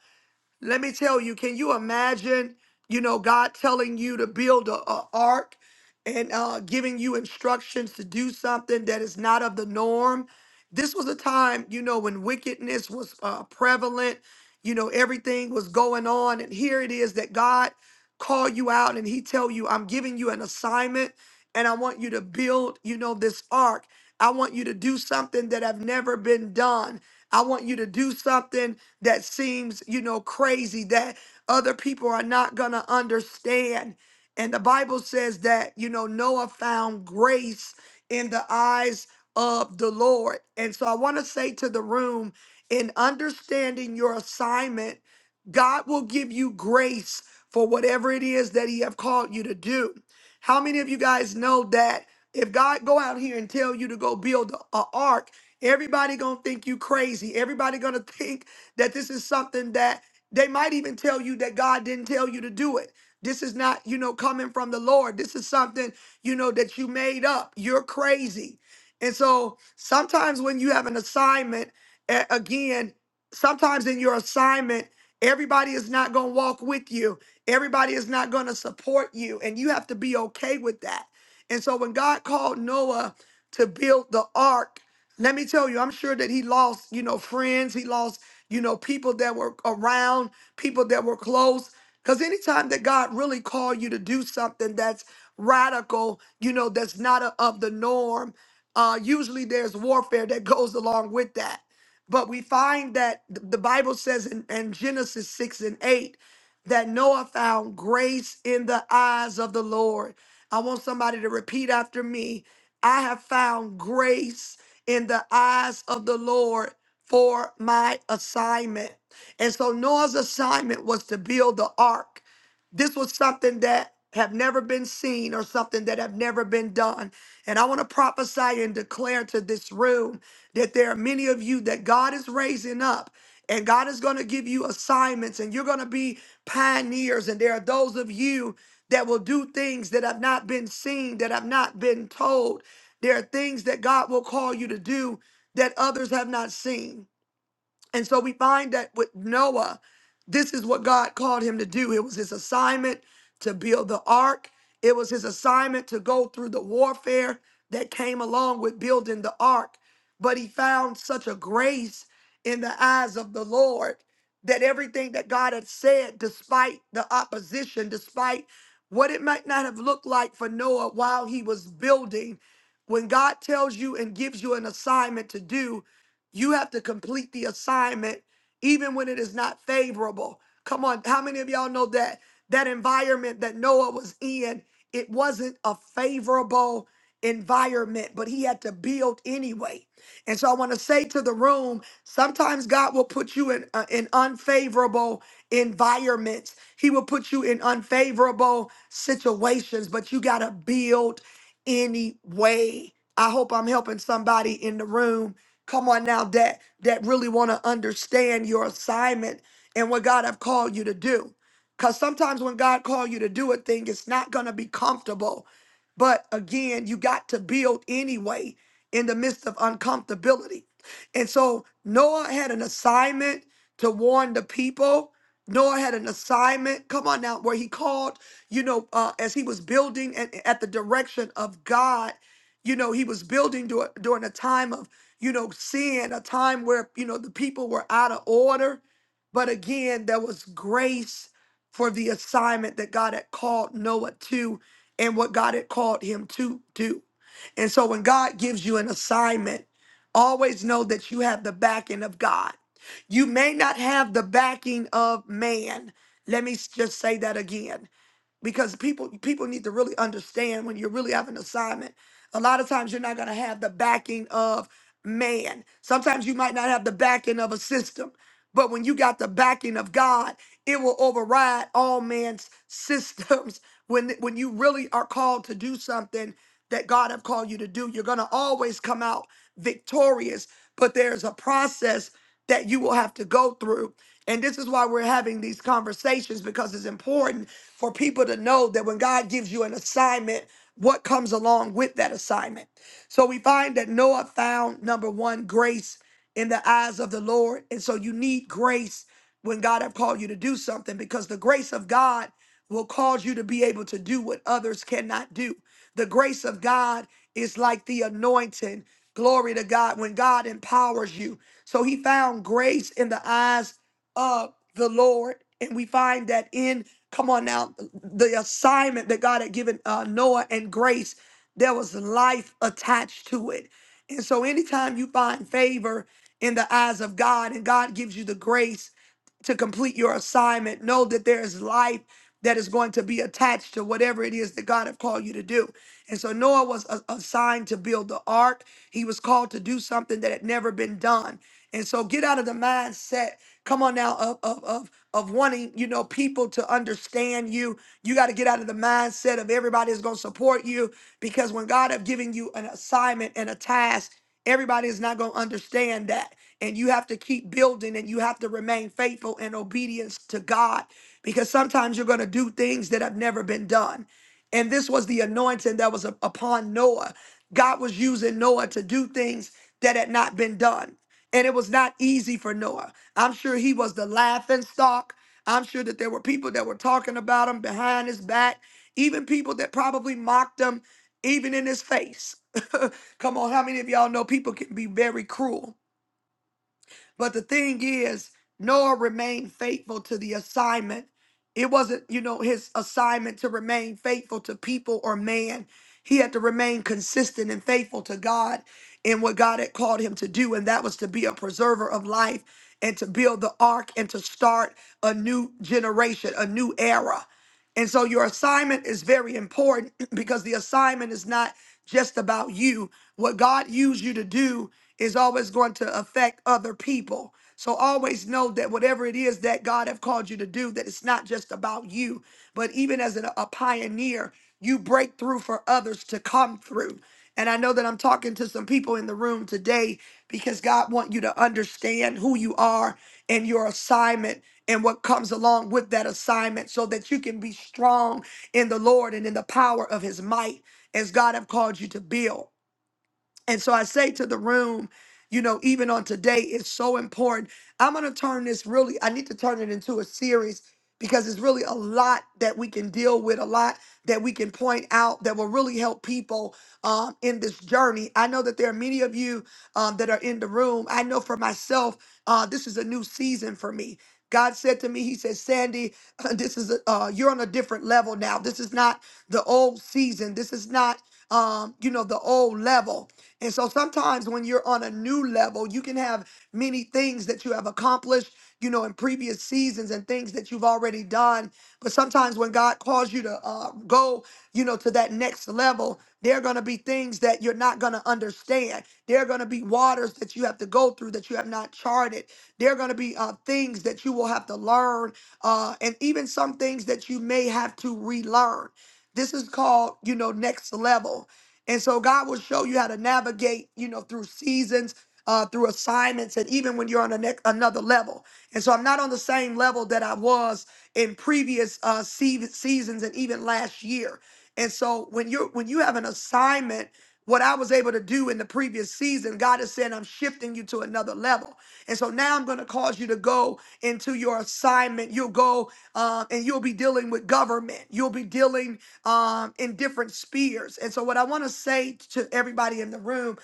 let me tell you, can you imagine, you know, God telling you to build a, a ark and uh, giving you instructions to do something that is not of the norm? This was a time, you know, when wickedness was uh, prevalent. You know, everything was going on, and here it is that God call you out and He tell you, "I'm giving you an assignment, and I want you to build, you know, this ark. I want you to do something that have never been done. I want you to do something." that seems, you know, crazy that other people are not going to understand. And the Bible says that, you know, Noah found grace in the eyes of the Lord. And so I want to say to the room in understanding your assignment, God will give you grace for whatever it is that he have called you to do. How many of you guys know that if God go out here and tell you to go build a, a ark, everybody going to think you crazy. Everybody going to think that this is something that they might even tell you that God didn't tell you to do it. This is not, you know, coming from the Lord. This is something, you know, that you made up. You're crazy. And so sometimes when you have an assignment, a- again, sometimes in your assignment, everybody is not going to walk with you, everybody is not going to support you. And you have to be okay with that. And so when God called Noah to build the ark, let me tell you, I'm sure that he lost, you know, friends. He lost you know, people that were around, people that were close. Because anytime that God really called you to do something that's radical, you know, that's not a, of the norm, uh, usually there's warfare that goes along with that. But we find that th- the Bible says in, in Genesis 6 and 8 that Noah found grace in the eyes of the Lord. I want somebody to repeat after me I have found grace in the eyes of the Lord for my assignment. And so Noah's assignment was to build the ark. This was something that have never been seen or something that have never been done. And I want to prophesy and declare to this room that there are many of you that God is raising up and God is going to give you assignments and you're going to be pioneers and there are those of you that will do things that have not been seen, that have not been told. There are things that God will call you to do that others have not seen. And so we find that with Noah, this is what God called him to do. It was his assignment to build the ark, it was his assignment to go through the warfare that came along with building the ark. But he found such a grace in the eyes of the Lord that everything that God had said, despite the opposition, despite what it might not have looked like for Noah while he was building, when God tells you and gives you an assignment to do, you have to complete the assignment even when it is not favorable. Come on, how many of y'all know that that environment that Noah was in, it wasn't a favorable environment, but he had to build anyway. And so I want to say to the room, sometimes God will put you in uh, in unfavorable environments. He will put you in unfavorable situations, but you got to build anyway. I hope I'm helping somebody in the room Come on now, that that really want to understand your assignment and what God have called you to do. Cause sometimes when God call you to do a thing, it's not gonna be comfortable. But again, you got to build anyway in the midst of uncomfortability. And so Noah had an assignment to warn the people. Noah had an assignment. Come on now, where he called, you know, uh, as he was building and at the direction of God, you know, he was building dur- during a time of you know, seeing a time where, you know, the people were out of order. But again, there was grace for the assignment that God had called Noah to and what God had called him to do. And so when God gives you an assignment, always know that you have the backing of God. You may not have the backing of man. Let me s- just say that again because people people need to really understand when you really have an assignment a lot of times you're not going to have the backing of man sometimes you might not have the backing of a system but when you got the backing of god it will override all man's systems when when you really are called to do something that god have called you to do you're going to always come out victorious but there's a process that you will have to go through and this is why we're having these conversations because it's important for people to know that when God gives you an assignment, what comes along with that assignment. So we find that Noah found number one, grace in the eyes of the Lord. And so you need grace when God have called you to do something because the grace of God will cause you to be able to do what others cannot do. The grace of God is like the anointing. Glory to God when God empowers you. So he found grace in the eyes of the Lord. And we find that in Come on now, the assignment that God had given uh, Noah and Grace, there was life attached to it. And so, anytime you find favor in the eyes of God and God gives you the grace to complete your assignment, know that there is life that is going to be attached to whatever it is that God have called you to do. And so Noah was a- assigned to build the ark. He was called to do something that had never been done. And so get out of the mindset, come on now, of, of, of of wanting, you know, people to understand you. You got to get out of the mindset of everybody is going to support you because when God have given you an assignment and a task, everybody is not going to understand that. And you have to keep building and you have to remain faithful and obedience to God because sometimes you're going to do things that have never been done. And this was the anointing that was up- upon Noah. God was using Noah to do things that had not been done. And it was not easy for Noah. I'm sure he was the laughing stock. I'm sure that there were people that were talking about him behind his back, even people that probably mocked him, even in his face. Come on, how many of y'all know people can be very cruel? But the thing is, Noah remained faithful to the assignment. It wasn't, you know, his assignment to remain faithful to people or man. He had to remain consistent and faithful to God in what God had called him to do, and that was to be a preserver of life and to build the ark and to start a new generation, a new era. And so your assignment is very important because the assignment is not just about you. What God used you to do is always going to affect other people. So always know that whatever it is that God have called you to do, that it's not just about you, but even as a, a pioneer, you break through for others to come through. And I know that I'm talking to some people in the room today because God want you to understand who you are and your assignment and what comes along with that assignment so that you can be strong in the Lord and in the power of his might as God have called you to build. And so I say to the room, you know, even on today, it's so important. I'm going to turn this really, I need to turn it into a series because it's really a lot that we can deal with, a lot that we can point out that will really help people um, in this journey. I know that there are many of you um, that are in the room. I know for myself, uh, this is a new season for me. God said to me, He said, Sandy, this is, a, uh, you're on a different level now. This is not the old season. This is not, um, you know, the old level and so sometimes when you're on a new level, you can have many things that you have accomplished, you know, in previous seasons and things that you've already done. But sometimes when God calls you to uh, go, you know, to that next level, there are going to be things that you're not going to understand. There are going to be waters that you have to go through that you have not charted. There are going to be uh, things that you will have to learn, uh, and even some things that you may have to relearn. This is called, you know, next level. And so God will show you how to navigate, you know, through seasons, uh, through assignments, and even when you're on a ne- another level. And so I'm not on the same level that I was in previous uh, se- seasons and even last year. And so when you're when you have an assignment, what I was able to do in the previous season, God is saying I'm shifting you to another level. And so now I'm going to cause you to go into your assignment. You'll go uh, and you'll be dealing with government. You'll be dealing um, in different spheres. And so, what I want to say to everybody in the room,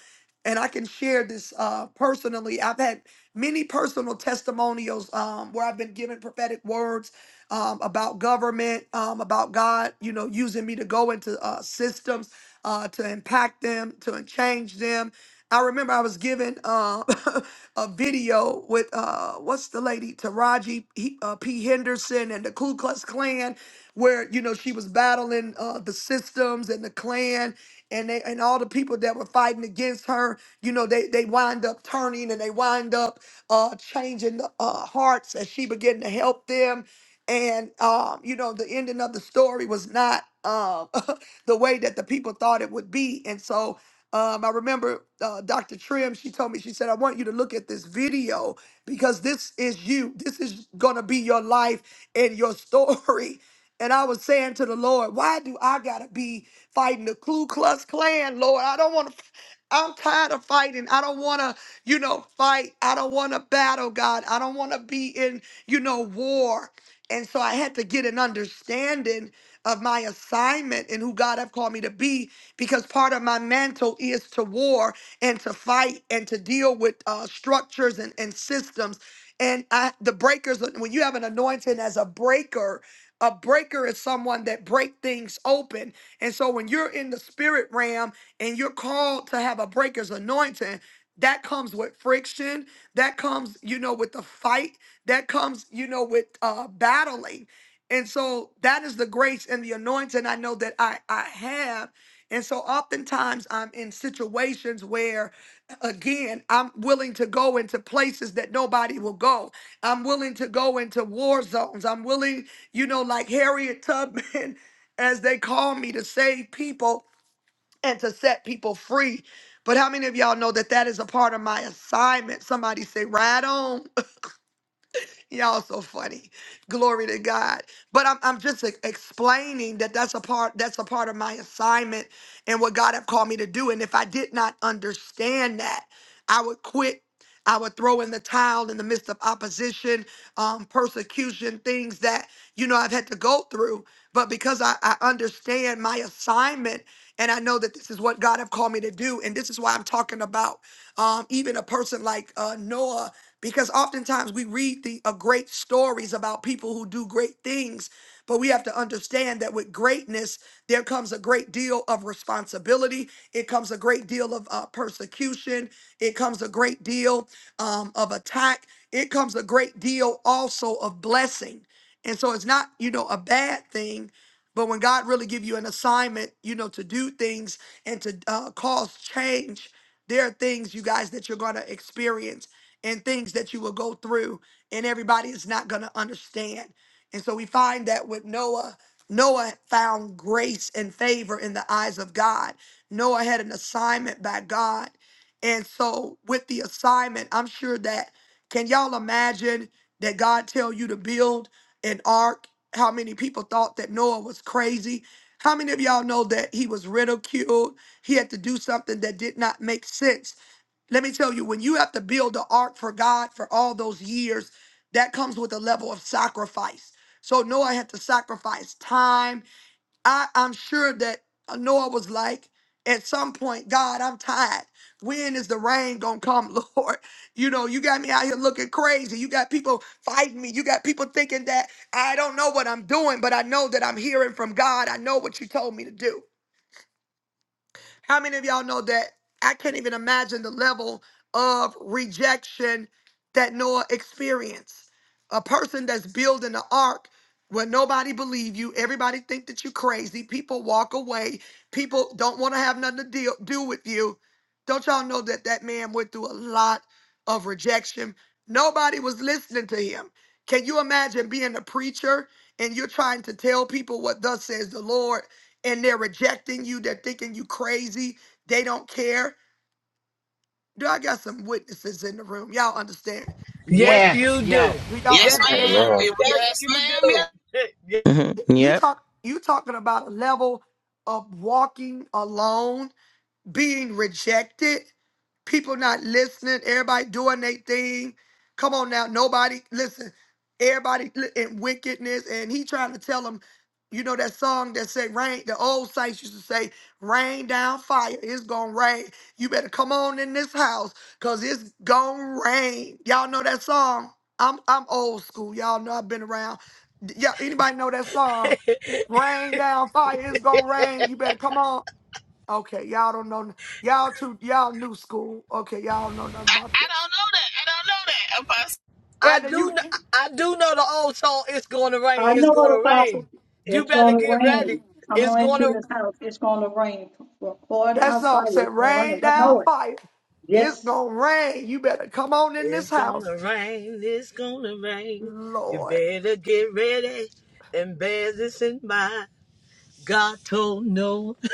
and I can share this uh, personally, I've had many personal testimonials um, where I've been given prophetic words um, about government, um, about God, you know, using me to go into uh, systems uh, to impact them, to change them. I remember I was given uh, a video with uh, what's the lady Taraji P. uh, P. Henderson and the Ku Klux Klan where you know she was battling uh, the systems and the clan and they and all the people that were fighting against her you know they they wind up turning and they wind up uh changing the uh, hearts as she began to help them and um you know the ending of the story was not um the way that the people thought it would be and so um, I remember uh, Dr. Trim, she told me, she said, I want you to look at this video because this is you. This is going to be your life and your story. And I was saying to the Lord, why do I gotta be fighting the Ku Klux Klan, Lord? I don't wanna, to i I'm tired of fighting. I don't wanna, you know, fight. I don't wanna battle, God. I don't wanna be in, you know, war. And so I had to get an understanding of my assignment and who God have called me to be because part of my mantle is to war and to fight and to deal with uh, structures and, and systems. And I, the breakers, when you have an anointing as a breaker, a breaker is someone that break things open. And so when you're in the spirit realm and you're called to have a breaker's anointing, that comes with friction. That comes, you know, with the fight. That comes, you know, with uh battling. And so that is the grace and the anointing I know that I, I have. And so oftentimes I'm in situations where again, I'm willing to go into places that nobody will go. I'm willing to go into war zones. I'm willing, you know, like Harriet Tubman, as they call me, to save people and to set people free. But how many of y'all know that that is a part of my assignment? Somebody say, right on. Y'all so funny. Glory to God. But I'm, I'm just like, explaining that that's a part that's a part of my assignment and what God have called me to do. And if I did not understand that, I would quit. I would throw in the towel in the midst of opposition, um, persecution, things that you know I've had to go through. But because I, I understand my assignment and I know that this is what God have called me to do, and this is why I'm talking about um, even a person like uh, Noah because oftentimes we read the uh, great stories about people who do great things, but we have to understand that with greatness, there comes a great deal of responsibility. It comes a great deal of uh, persecution. It comes a great deal um, of attack. It comes a great deal also of blessing. And so it's not, you know, a bad thing, but when God really give you an assignment, you know, to do things and to uh, cause change, there are things, you guys, that you're going to experience and things that you will go through, and everybody is not going to understand. And so we find that with Noah, Noah found grace and favor in the eyes of God. Noah had an assignment by God. And so with the assignment, I'm sure that can y'all imagine that God tell you to build an ark? How many people thought that Noah was crazy? How many of y'all know that he was ridiculed? He had to do something that did not make sense let me tell you, when you have to build the ark for God for all those years, that comes with a level of sacrifice. So Noah had to sacrifice time. I, I'm sure that uh, Noah was like, at some point, God, I'm tired. When is the rain gonna come, Lord? You know, you got me out here looking crazy. You got people fighting me. You got people thinking that I don't know what I'm doing, but I know that I'm hearing from God. I know what you told me to do. How many of y'all know that I can't even imagine the level of rejection that Noah experienced? A person that's building the ark where nobody believe you, everybody think that you crazy, people walk away, people don't want to have nothing to deal, do with you. Don't y'all know that that man went through a lot of rejection? Nobody was listening to him. Can you imagine being a preacher and you're trying to tell people what thus says the Lord? and they're rejecting you, they're thinking you crazy, they don't care. Do I got some witnesses in the room? Y'all understand what Yes, Yes, you yes. do. do y'all Yes, Yes, understand? Amen. ma'am. yes, Yes, you ma'am. Yes. do. hmm You Yep. talk you talking about a level of walking alone being rejected, people not listening, everybody doing their thing. Come on now, nobody listen. Everybody li- in wickedness, and he trying to tell them, you know that song that said rain. The old saints used to say, "Rain down fire, it's gonna rain." You better come on in this house, cause it's gonna rain. Y'all know that song. I'm I'm old school. Y'all know I've been around. D- Yeah, anybody know that song? Rain down fire, it's gonna rain. You better come on. Okay, y'all don't know. Y'all too. Y'all new school. Okay, y'all don't know nothing I, about I this. don't know that. I don't know that. Apostle. I And then do. you. kn- I do know the old song. It's gonna rain. It's know what gonna rain. if You better get ready. It's I gonna. this house, it's gonna rain. Pour it That's out all. fire, Said it's gonna rain. rain I down know it. fire. It's Yes, gonna rain. You better come on in this It's house, gonna rain. It's gonna rain. You Lord. better get ready and bear this in mind. God told no.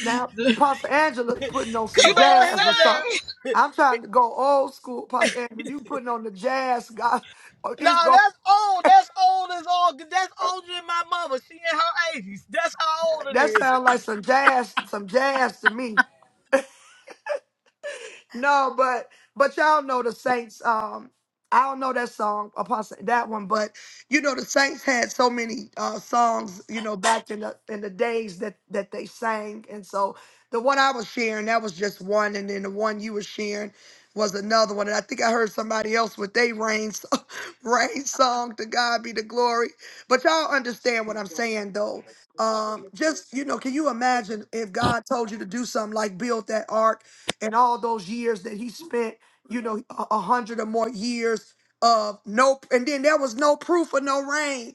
Now, Pastor Angela putting on some You Come better on jazz or here now. sing. something. I'm trying to go old school, Pastor Angela. You putting on the jazz, God. Oh, It's Nah, going that's to old. That's old as all. That's older than my mother. She in her eighties. That's how old it That is. sounds like some jazz, some jazz to me. no, but but y'all know the Saints. Um, I don't know that song, Apostle, that one, but you know the Saints had so many uh songs, you know, back in the in the days that that they sang, and so the one I was sharing that was just one, and then the one you were sharing was another one, and I think I heard somebody else with they rain so- rain song. To God be the glory. But y'all understand what I'm saying, though. Um, just you know, can you imagine if God told you to do something like build that ark? and all those years that he spent, you know, a a hundred or more years of no, and then there was no proof of no rain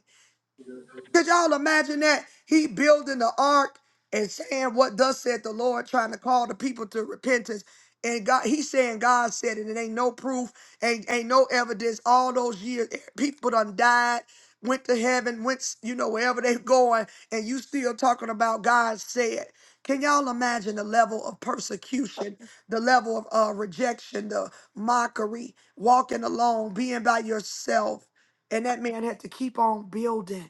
could y'all imagine that? He building the ark and saying what thus said the Lord, trying to call the people to repentance. And God, he's saying God said it, and ain't no proof, ain't ain't no evidence. All those years, eh, people done died, went to heaven, went s- you know wherever they going, and you still talking about God said. Can y'all imagine the level of persecution, the level of uh, rejection, the mockery, walking alone, being by yourself, and that man had to keep on building.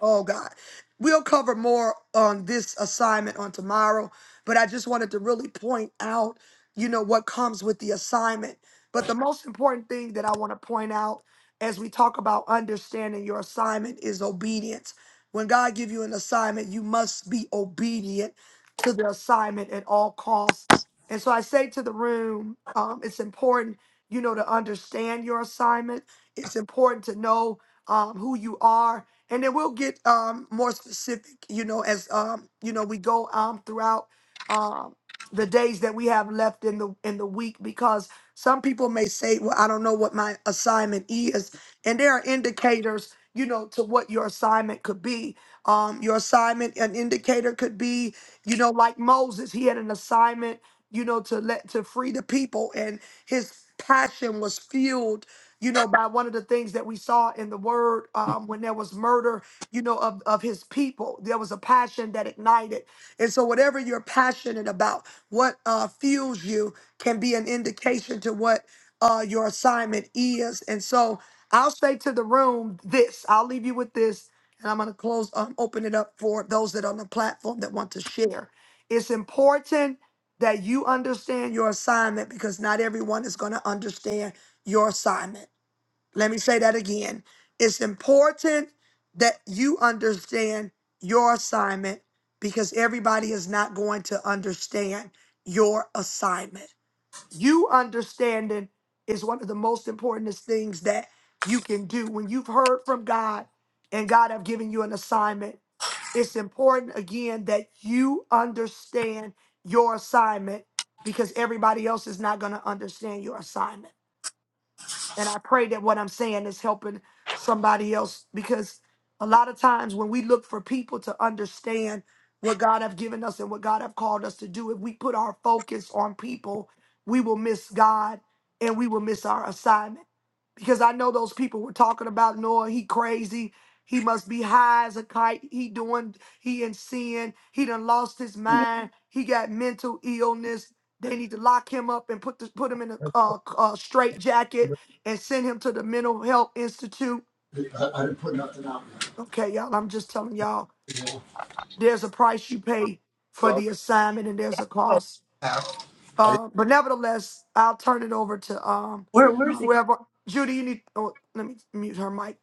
Oh God. We'll cover more on this assignment on tomorrow, but I just wanted to really point out, you know, what comes with the assignment. But the most important thing that I want to point out as we talk about understanding your assignment is obedience. When God give you an assignment, you must be obedient to the assignment at all costs. And so I say to the room, um, it's important, you know, to understand your assignment. It's important to know um, who you are and then we'll get um more specific you know as um you know we go um throughout um the days that we have left in the in the week because some people may say well i don't know what my assignment is and there are indicators you know to what your assignment could be um your assignment an indicator could be you know like moses he had an assignment you know to let to free the people and his passion was fueled you know, by one of the things that we saw in the word um, when there was murder, you know, of, of his people. There was a passion that ignited. And so, whatever you're passionate about, what uh, fuels you can be an indication to what uh, your assignment is. And so, I'll say to the room this I'll leave you with this, and I'm going to close, um, open it up for those that are on the platform that want to share. It's important that you understand your assignment because not everyone is going to understand your assignment. Let me say that again. It's important that you understand your assignment because everybody is not going to understand your assignment. You understanding is one of the most important things that you can do. When you've heard from God and God have given you an assignment, it's important again that you understand your assignment because everybody else is not going to understand your assignment. And I pray that what I'm saying is helping somebody else because a lot of times when we look for people to understand what God have given us and what God have called us to do, if we put our focus on people, we will miss God and we will miss our assignment. Because I know those people were talking about Noah, he crazy. He must be high as a kite. He doing, he in sin. He done lost his I, mind. He got mental illness. I They need to lock him up and put the, put him in a, uh, uh straight and send him to the mental health institute. didn't put nothing out. Okay, y'all, I'm just telling y'all, You there's a price you pay for know. the assignment and there's a cost. Uh, but nevertheless, I'll turn it over to um We're, we're secure. whoever Judy, you need oh let me mute her mic.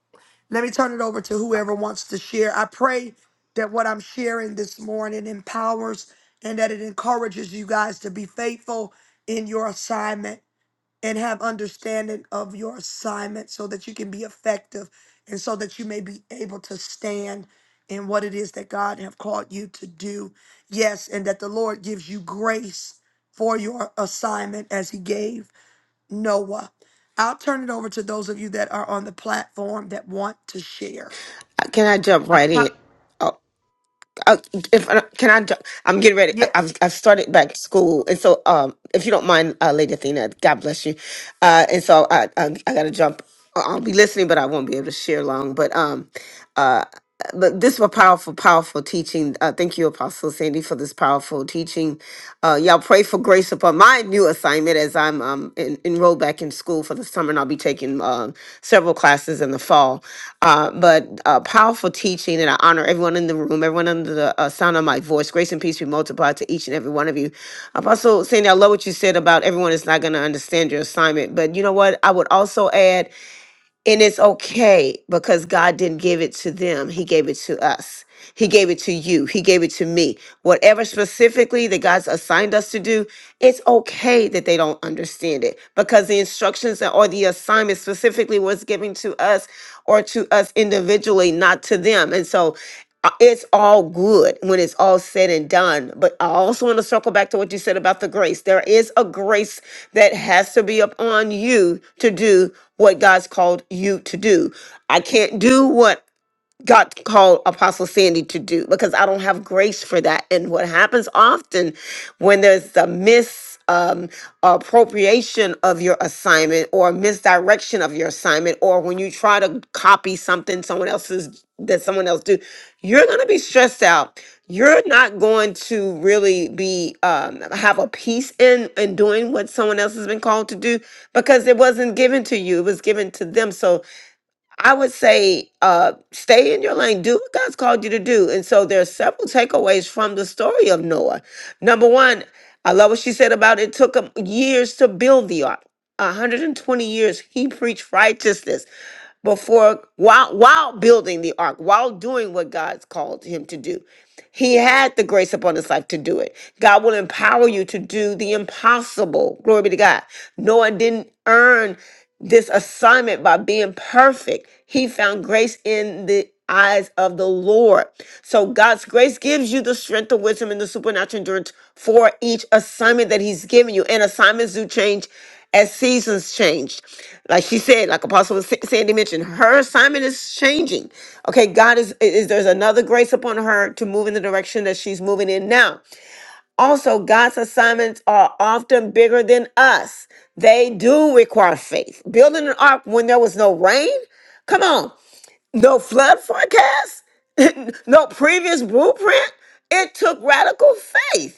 Let me turn it over to whoever wants to share. I pray that what I'm sharing this morning empowers and that it encourages you guys to be faithful in your assignment and have understanding of your assignment so that you can be effective and so that you may be able to stand in what it is that God have called you to do. Yes, and that the Lord gives you grace for your assignment as he gave Noah. I'll turn it over to those of you that are on the platform that want to share. Can I jump right in? Apo- Oh, uh, if I, can I jump? I'm getting ready. I- Yes. I've, I've started back school, and so um, if you don't mind, uh, Lady Athena, God bless you. Uh, and so I, I, I got to jump. I- I'll be listening, but I won't be able to share long. But um, uh, but this was powerful, powerful teaching. Uh, thank you, Apostle Sandy, for this powerful teaching. Uh, y'all pray for grace upon my new assignment as I'm um, en- enrolled back in school for the summer, and I'll be taking um several classes in the fall. Uh, but uh, powerful teaching, and I honor everyone in the room, everyone under the uh, sound of my voice. Grace and peace be multiplied to each and every one of you. Apostle Sandy, I love what you said about everyone is not going to understand your assignment. But you know what? I would also add and it's okay because God didn't give it to them. He gave it to us. He gave it to you. He gave it to me. Whatever specifically that God's assigned us to do, it's okay that they don't understand it because the instructions or the assignment specifically was given to us or to us individually, not to them. And so uh, it's all good when it's all said and done. But I also want to circle back to what you said about the grace. There is a grace that has to be upon you to do what God's called you to do. I can't do what God called Apostle Sandy to do because I don't have grace for that. And what happens often when there's a mis um, appropriation of your assignment or misdirection of your assignment, or when you try to copy something someone else's that someone else do, you're gonna be stressed out. You're not going to really be um, have a peace in in doing what someone else has been called to do because it wasn't given to you; it was given to them. So I would say uh, stay in your lane, do what God's called you to do. And so there are several takeaways from the story of Noah. Number one, I love what she said about it took him years to build the ark. 120 years he preached righteousness before while while building the ark, while doing what God's called him to do. He had the grace upon his life to do it. God will empower you to do the impossible. Glory be to God. Noah didn't earn this assignment by being perfect. He found grace in the eyes of the Lord. So God's grace gives you the strength, the wisdom, and the supernatural endurance for each assignment that He's given you. And assignments do change as seasons change like she said, like Apostle Sa- Sandy mentioned, her assignment is changing. Okay, God is, is there's another grace upon her to move in the direction that she's moving in now. Also, God's assignments are often bigger than us. They do require faith. Building an ark when there was no rain, come on, no flood forecast, no previous blueprint. It took radical faith.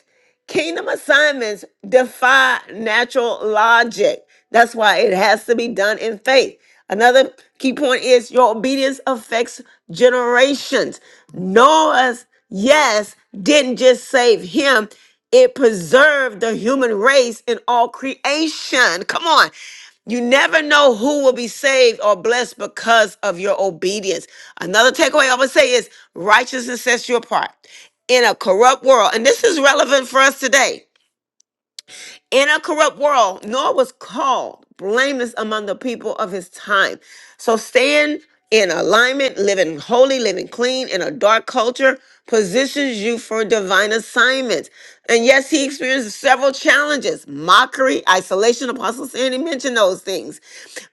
Kingdom assignments defy natural logic. That's why it has to be done in faith. Another key point is your obedience affects generations. Noah's yes didn't just save him, it preserved the human race in all creation. Come on. You never know who will be saved or blessed because of your obedience. Another takeaway I would say is righteousness sets you apart in a corrupt world, and this is relevant for us today. In a corrupt world, Noah was called blameless among the people of his time. So staying in alignment, living holy, living clean in a dark culture positions you for divine assignments. And yes, he experienced several challenges mockery, isolation, apostle Sandy mentioned those things.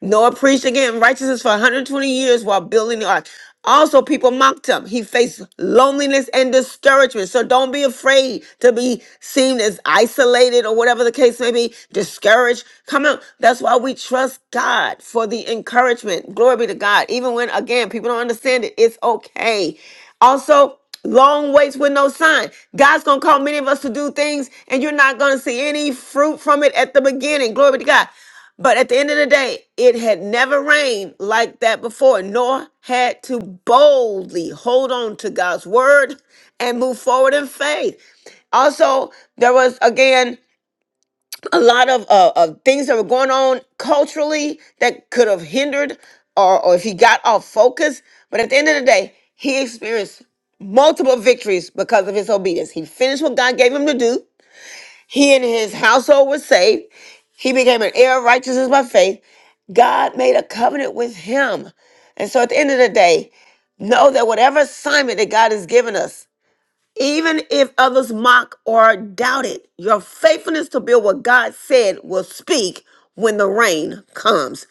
Noah preached again righteousness for 120 years while building the ark. Also, people mocked him. He faced loneliness and discouragement. So don't be afraid to be seen as isolated or whatever the case may be, discouraged. Come on. That's why we trust God for the encouragement. Glory be to God. Even when, again, people don't understand it, it's okay. Also, long waits with no sign. God's gonna call many of us to do things, and you're not gonna see any fruit from it at the beginning. Glory be to God. But at the end of the day, it had never rained like that before, nor had to boldly hold on to God's word and move forward in faith. Also, there was again a lot of, uh, of things that were going on culturally that could have hindered or, or if he got off focus. But at the end of the day, he experienced multiple victories because of his obedience. He finished what God gave him to do. He and his household were saved. He became an heir of righteousness by faith. God made a covenant with him. And so at the end of the day, know that whatever assignment that God has given us, even if others mock or doubt it, your faithfulness to build what God said will speak when the rain comes.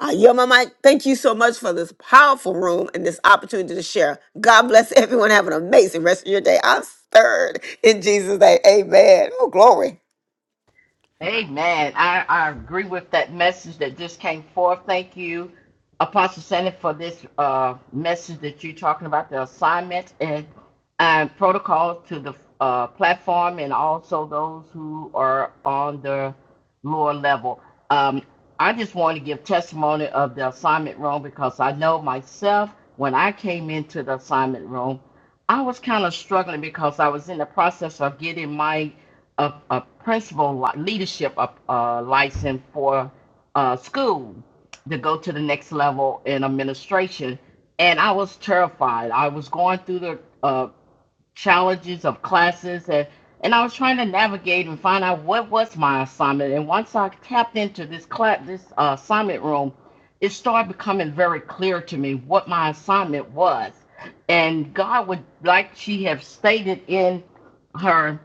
Uh, yo, my mic, thank you so much for this powerful room and this opportunity to share. God bless everyone. Have an amazing rest of your day. I'm stirred in Jesus' name. Amen. Oh, glory. Amen. I, I agree with that message that just came forth. Thank you, Apostle Sandy, for this uh, message that you're talking about the assignments and, and protocols to the uh, platform and also those who are on the lower level. Um, I just want to give testimony of the assignment room because I know myself when I came into the assignment room, I was kind of struggling because I was in the process of getting my a, a principal li- leadership a, uh license for uh, school to go to the next level in administration. And I was terrified. I was going through the uh, challenges of classes and, and I was trying to navigate and find out what was my assignment. And once I tapped into this class, this uh, assignment room, it started becoming very clear to me what my assignment was. And God would, like she have stated in her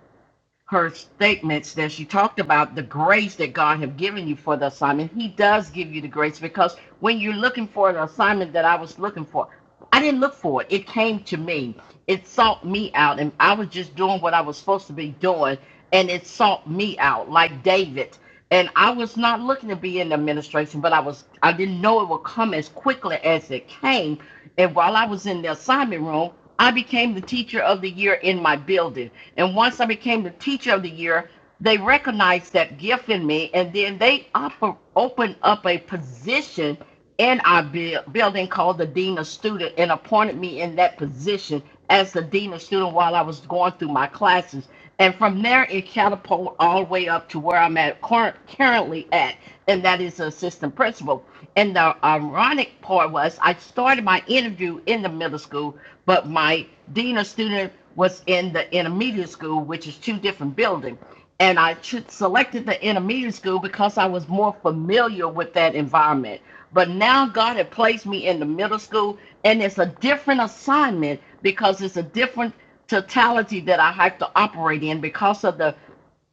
her statements that she talked about the grace that God have given you for the assignment. He does give you the grace because when you're looking for the assignment that I was looking for, I didn't look for it. It came to me. It sought me out, and I was just doing what I was supposed to be doing, and it sought me out, like David. And I was not looking to be in the administration, but I was. I didn't know it would come as quickly as it came. And while I was in the assignment room, I became the teacher of the year in my building and once I became the teacher of the year, they recognized that gift in me, and then they op- opened up a position in our buil- building called the dean of student, and appointed me in that position as the dean of student while I was going through my classes. And from there, it catapulted all the way up to where I'm at current, currently at, and that is assistant principal. And the ironic part was, I started my interview in the middle school but my dean of student was in the intermediate school, which is two different buildings. And I cho- selected the intermediate school because I was more familiar with that environment. But now God had placed me in the middle school, and it's a different assignment because it's a different totality that I have to operate in because of the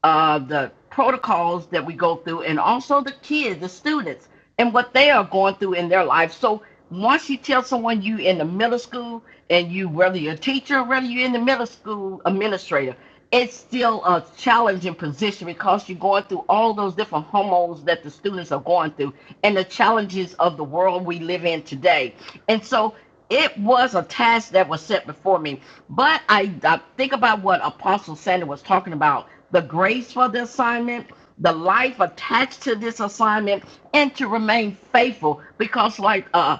uh, the protocols that we go through and also the kids, the students, and what they are going through in their life. So once you tell someone you in the middle school and you whether you're a teacher, whether you're in the middle school administrator, it's still a challenging position because you're going through all those different hormones that the students are going through and the challenges of the world we live in today. And so it was a task that was set before me. But I, I think about what Apostle Sandy was talking about the grace for the assignment, the life attached to this assignment, and to remain faithful. Because, like uh,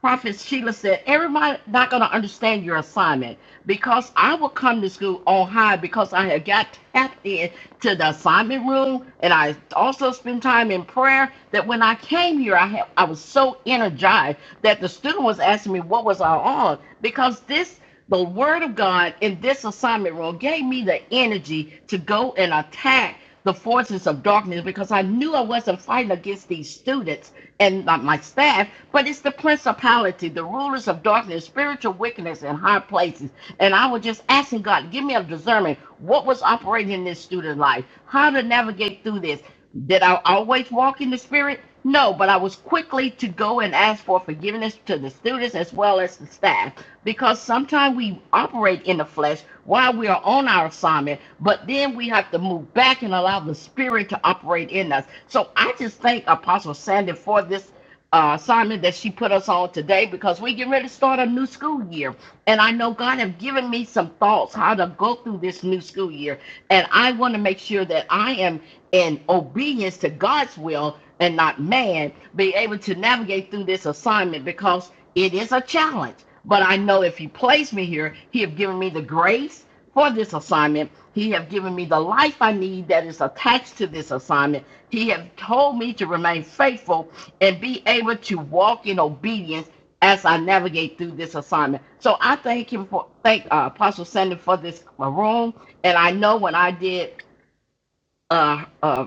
Prophet Sheila said, Everybody not going to understand your assignment because I will come to school on high because I had got tapped in to the assignment room and I also spent time in prayer that when I came here, I, had, I was so energized that the student was asking me what was I on because this, the word of God in this assignment room gave me the energy to go and attack the forces of darkness because I knew I wasn't fighting against these students and my my staff but it's the principality, the rulers of darkness, spiritual wickedness in high places. And I was just asking God, give me a discernment. What was operating in this student life? How to navigate through this? Did I always walk in the spirit? No, but I was quickly to go and ask for forgiveness to the students as well as the staff because sometimes we operate in the flesh while we are on our assignment, but then we have to move back and allow the spirit to operate in us. So I just thank Apostle Sandy for this uh, assignment that she put us on today because we get ready to start a new school year. And I know God have given me some thoughts how to go through this new school year. And I want to make sure that I am in obedience to God's will and not man, be able to navigate through this assignment because it is a challenge. But I know if he placed me here, he have given me the grace for this assignment. He have given me the life I need that is attached to this assignment. He have told me to remain faithful and be able to walk in obedience as I navigate through this assignment. So I thank him for thank uh, Apostle Sandy for this uh, room, and I know when I did uh, uh,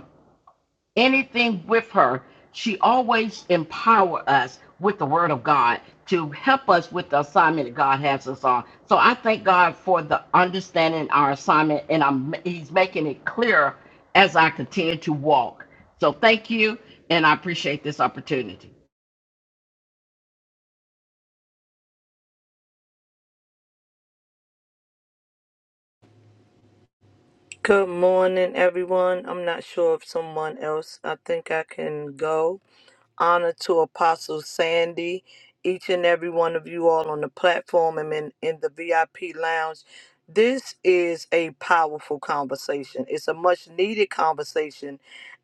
anything with her, she always empower us with the Word of God to help us with the assignment that God has us on. So I thank God for the understanding our assignment, and I'm He's making it clearer as I continue to walk. So thank you, and I appreciate this opportunity. Good morning, everyone. I'm not sure if someone else, I think I can go. Honor to Apostle Sandy, each and every one of you all on the platform and in, in the VIP lounge. This is a powerful conversation. It's a much needed conversation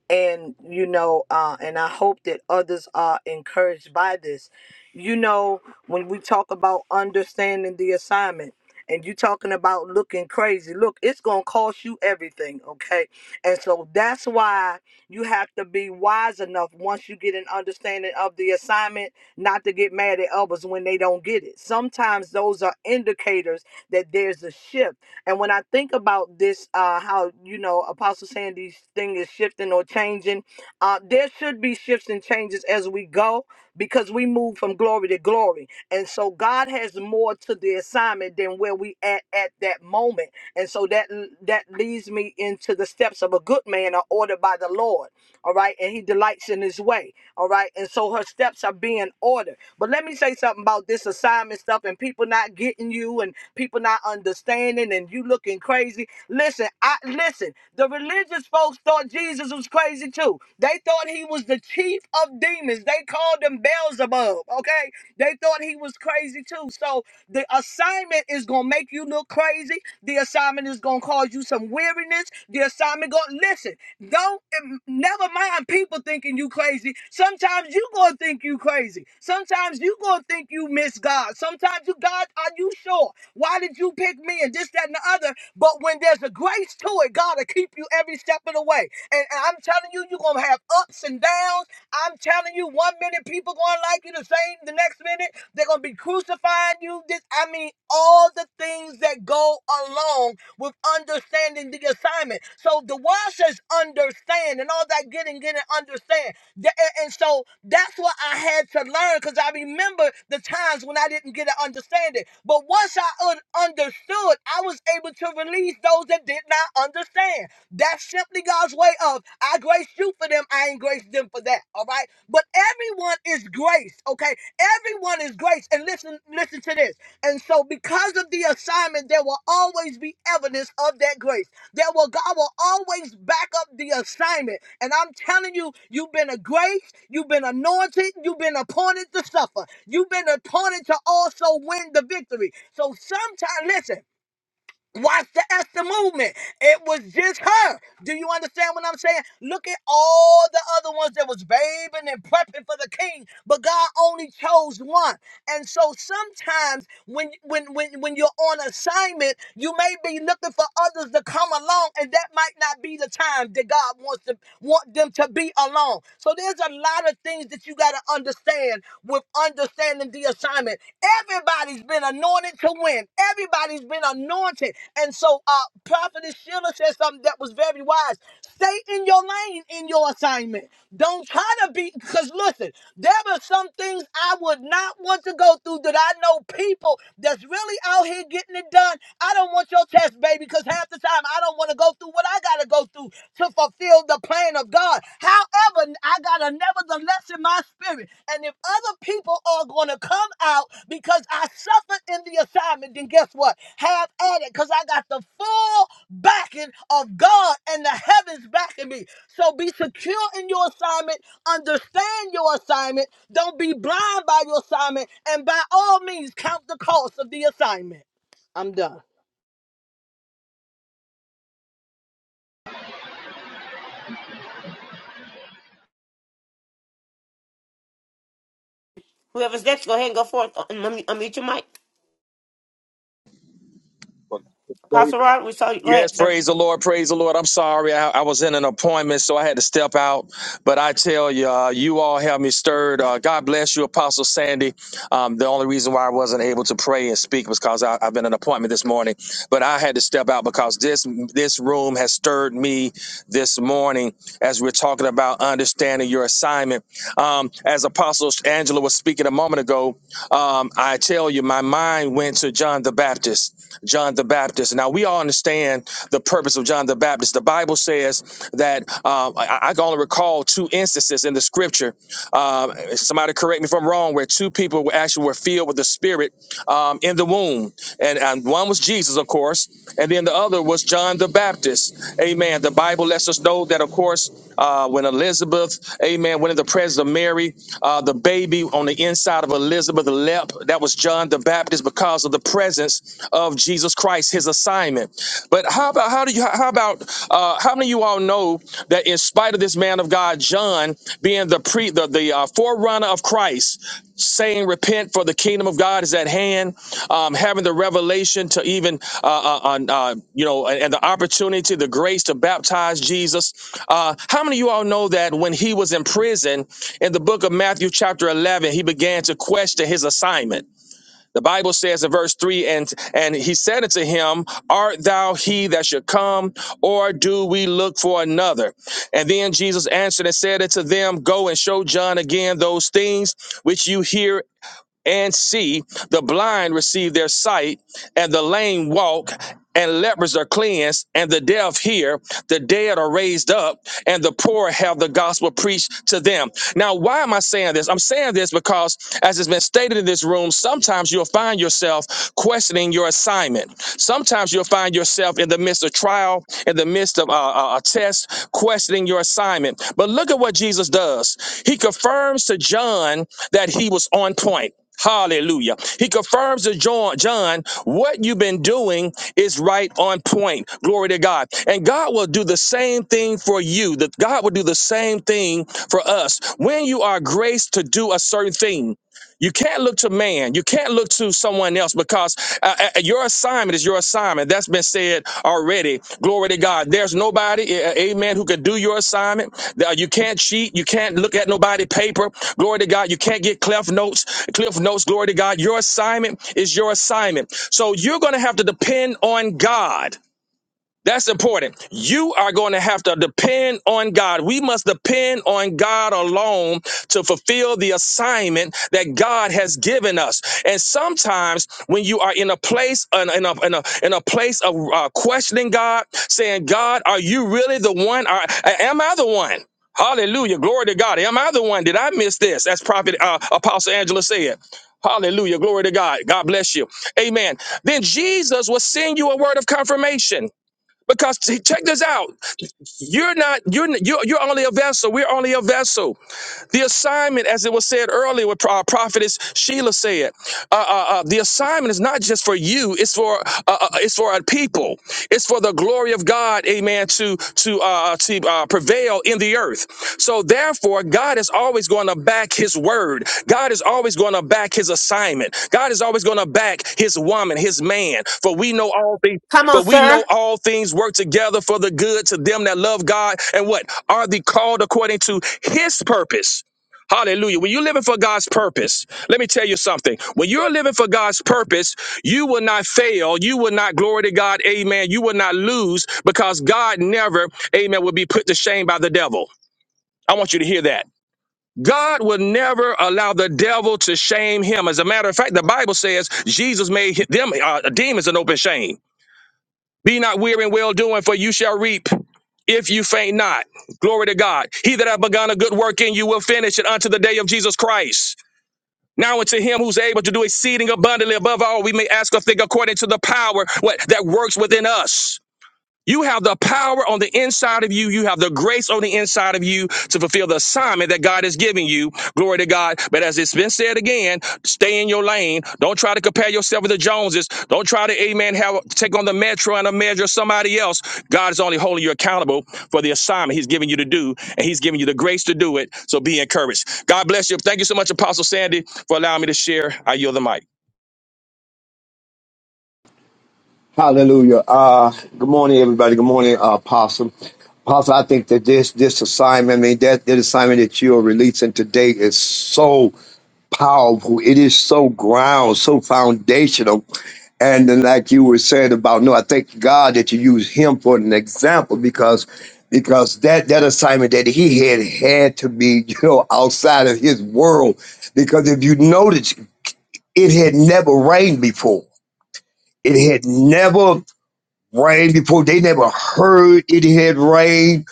and you know uh, and i hope that others are encouraged by this you know when we talk about understanding the assignment and you talking about looking crazy look it's gonna cost you everything okay and so that's why you have to be wise enough once you get an understanding of the assignment not to get mad at others when they don't get it. Sometimes those are indicators that there's a shift. And when I think about this, uh, how you know Apostle Sandy's thing is shifting or changing, uh, there should be shifts and changes as we go because we move from glory to glory. And so God has more to the assignment than where we at at that moment. And so that that leads me into the steps of a good man are ordered by the Lord all right, and he delights in his way, all right, and so her steps are being ordered. But let me say something about this assignment stuff and people not getting you and people not understanding and you looking crazy. Listen, I listen, the religious folks thought Jesus was crazy too. They thought he was the chief of demons, they called him Beelzebub, okay? they they thought he was crazy too. So the assignment is gonna make you look crazy. The assignment is gonna cause you some weariness. The assignment gonna listen. Don't em- never mind people thinking you crazy. Sometimes you gonna think you crazy. Sometimes you gonna think you miss God. Sometimes you God, are you sure? Why did you pick me and this, that, and the other? But when there's a grace to it, God will keep you every step of the way. And, and I'm telling you, you're gonna have ups and downs. I'm telling you, one minute people gonna like you the same, the next minute they're gonna be crucifying you. This, I mean, all the things that go along with understanding the assignment. So the word says understand and all that getting, getting, understand. And so that's what I had to learn because I remember the times when I didn't get to understand it. But once I un- understood, I was able to release those that did not understand. That's simply God's way of I grace you for them, I ain't grace them for that. All right. But everyone is grace, okay? Everyone is grace. And listen, listen to this. And so, because of the assignment, there will always be evidence of that grace. There will God will always back up the assignment. And I'm telling you, you've been a grace, you've been anointed, you've been appointed to suffer, you've been appointed to also win the victory. So sometimes, listen. Watch the Esther movement. It was just her. Do you understand what I'm saying? Look at all the other ones that was babing and prepping for the king, but God only chose one. And so sometimes when when when when you're on assignment, you may be looking for others to come along, and that might not be the time that God wants to want them to be alone. So there's a lot of things that you gotta understand with of understanding the assignment. Everybody's been anointed to win. Everybody's been anointed. And so uh Prophetess Sheila said something that was very wise. Stay in your lane in your assignment. Don't try to be because listen, there were some things I would not want to go through that I know people that's really out here getting it done. I don't want your test, baby, because half the time I don't want to go through what I gotta go through to fulfill the plan of God. However, I got a nevertheless in my spirit. And if other people are going to come out because I suffered in the assignment, then guess what? Have at it because I got the full backing of God and the heavens backing me. So be secure in your assignment, understand your assignment, don't be blind by your assignment, and by all means, count the cost of the assignment. I'm done. Whoever's next, go ahead and go forth. And unmute unmute your mic. Apostle Rod, we saw you. Go Yes, ahead, sir. praise the Lord, praise the Lord. I'm sorry, I, I was in an appointment, so I had to step out. But I tell you, uh, you all have me stirred. Uh, God bless you, Apostle Sandy. Um, the only reason why I wasn't able to pray and speak was because I- I've been in an appointment this morning. But I had to step out because this this room has stirred me this morning as we're talking about understanding your assignment. Um, as Apostle Angela was speaking a moment ago, um, I tell you, my mind went to John the Baptist John the Baptist. Now we all understand the purpose of John the Baptist. The Bible says that um, I, I can only recall two instances in the Scripture. Um, somebody correct me if I'm wrong, where two people were actually were filled with the Spirit um, in the womb, and, and one was Jesus, of course, and then the other was John the Baptist. Amen. The Bible lets us know that, of course, uh, when Elizabeth, Amen, went in the presence of Mary, uh, the baby on the inside of Elizabeth leapt. That was John the Baptist because because of the presence of Jesus Christ, his assignment. But how about how do you how about uh, how many of you all know that in spite of this man of God, John being the pre the, the uh, forerunner of Christ, saying repent for the kingdom of God is at hand, um, having the revelation to even uh, uh, on, uh, you know and, and the opportunity, the grace to baptize Jesus. Uh, how many of you all know that when he was in prison in the book of Matthew chapter eleven, he began to question his assignment. The Bible says in verse 3 and and he said unto him, Art thou he that should come, or do we look for another? And then Jesus answered and said unto them, Go and show John again those things which you hear and see, the blind receive their sight, and the lame walk, and lepers are cleansed, and the deaf hear, the dead are raised up, and the poor have the gospel preached to them. Now, why am I saying this? I'm saying this because, as it's been stated in this room, sometimes you'll find yourself questioning your assignment. Sometimes you'll find yourself in the midst of trial, in the midst of uh, uh, a test, questioning your assignment. But look at what Jesus does. He confirms to John that he was on point. Hallelujah. He confirms to John, John, what you've been doing is right on point. Glory to God. And God will do the same thing for you. That God will do the same thing for us. When you are graced to do a certain thing, you can't look to man. You can't look to someone else because uh, uh, uh, your assignment is your assignment. That's been said already. Glory to God. There's nobody, uh, amen, who can do your assignment. Uh, You can't cheat. You can't look at nobody paper. Glory to God. You can't get Cliff notes. Cliff notes. Glory to God. Your assignment is your assignment. So you're going to have to depend on God. That's important. You are going to have to depend on God. We must depend on God alone to fulfill the assignment that God has given us. And sometimes when you are in a place in a, in a, in a, in a place of uh, questioning God, saying, "God, are you really the one? Are, am I the one?" Hallelujah. Glory to God. Am I the one? Did I miss this? As Prophet uh, Apostle Angela said. Hallelujah. Glory to God. God bless you. Amen. Then Jesus will send you a word of confirmation. Because see, check this out. You're not, you're, you're, you're only a vessel. We're only a vessel. The assignment, as it was said earlier, what our prophetess Sheila said, uh, uh, uh, the assignment is not just for you; it's for uh, uh, it's for our people. It's for the glory of God, Amen. To to uh, uh, to uh, prevail in the earth. So therefore, God is always going to back His word. God is always going to back His assignment. God is always going to back His woman, His man. For we know all things. Come on, For we know sir. all things work together for the good to them that love God and what are the called according to His purpose. Hallelujah. When you're living for God's purpose, let me tell you something. When you're living for God's purpose, you will not fail. You will not glory to God. Amen. You will not lose because God never, amen, will be put to shame by the devil. I want you to hear that. God will never allow the devil to shame him. As a matter of fact, the Bible says Jesus made them uh, demons an open shame. Be not weary in well doing, for you shall reap if you faint not. Glory to God. He that hath begun a good work in you will finish it unto the day of Jesus Christ. Now unto him who's able to do exceeding abundantly above all we may ask or think according to the power what that works within us. You have the power on the inside of you. You have the grace on the inside of you to fulfill the assignment that God has given you. Glory to God. But as it's been said again, stay in your lane. Don't try to compare yourself with the Joneses. Don't try to, amen, have take on the metro and a measure of somebody else. God is only holding you accountable for the assignment He's giving you to do, and He's giving you the grace to do it. So be encouraged. God bless you. Thank you so much, Apostle Sandy, for allowing me to share. I yield the mic. Hallelujah. Uh, good morning, everybody. Good morning, uh, Apostle. Apostle, I think that this this assignment, I mean, that, that assignment that you are releasing today is so powerful. It is so ground, so foundational. And then, like you were saying about, no, I thank God that you use him for an example because because that that assignment that he had had to be, you know, outside of his world. Because if you notice, it had never rained before. It had never rain before they never heard it had rained.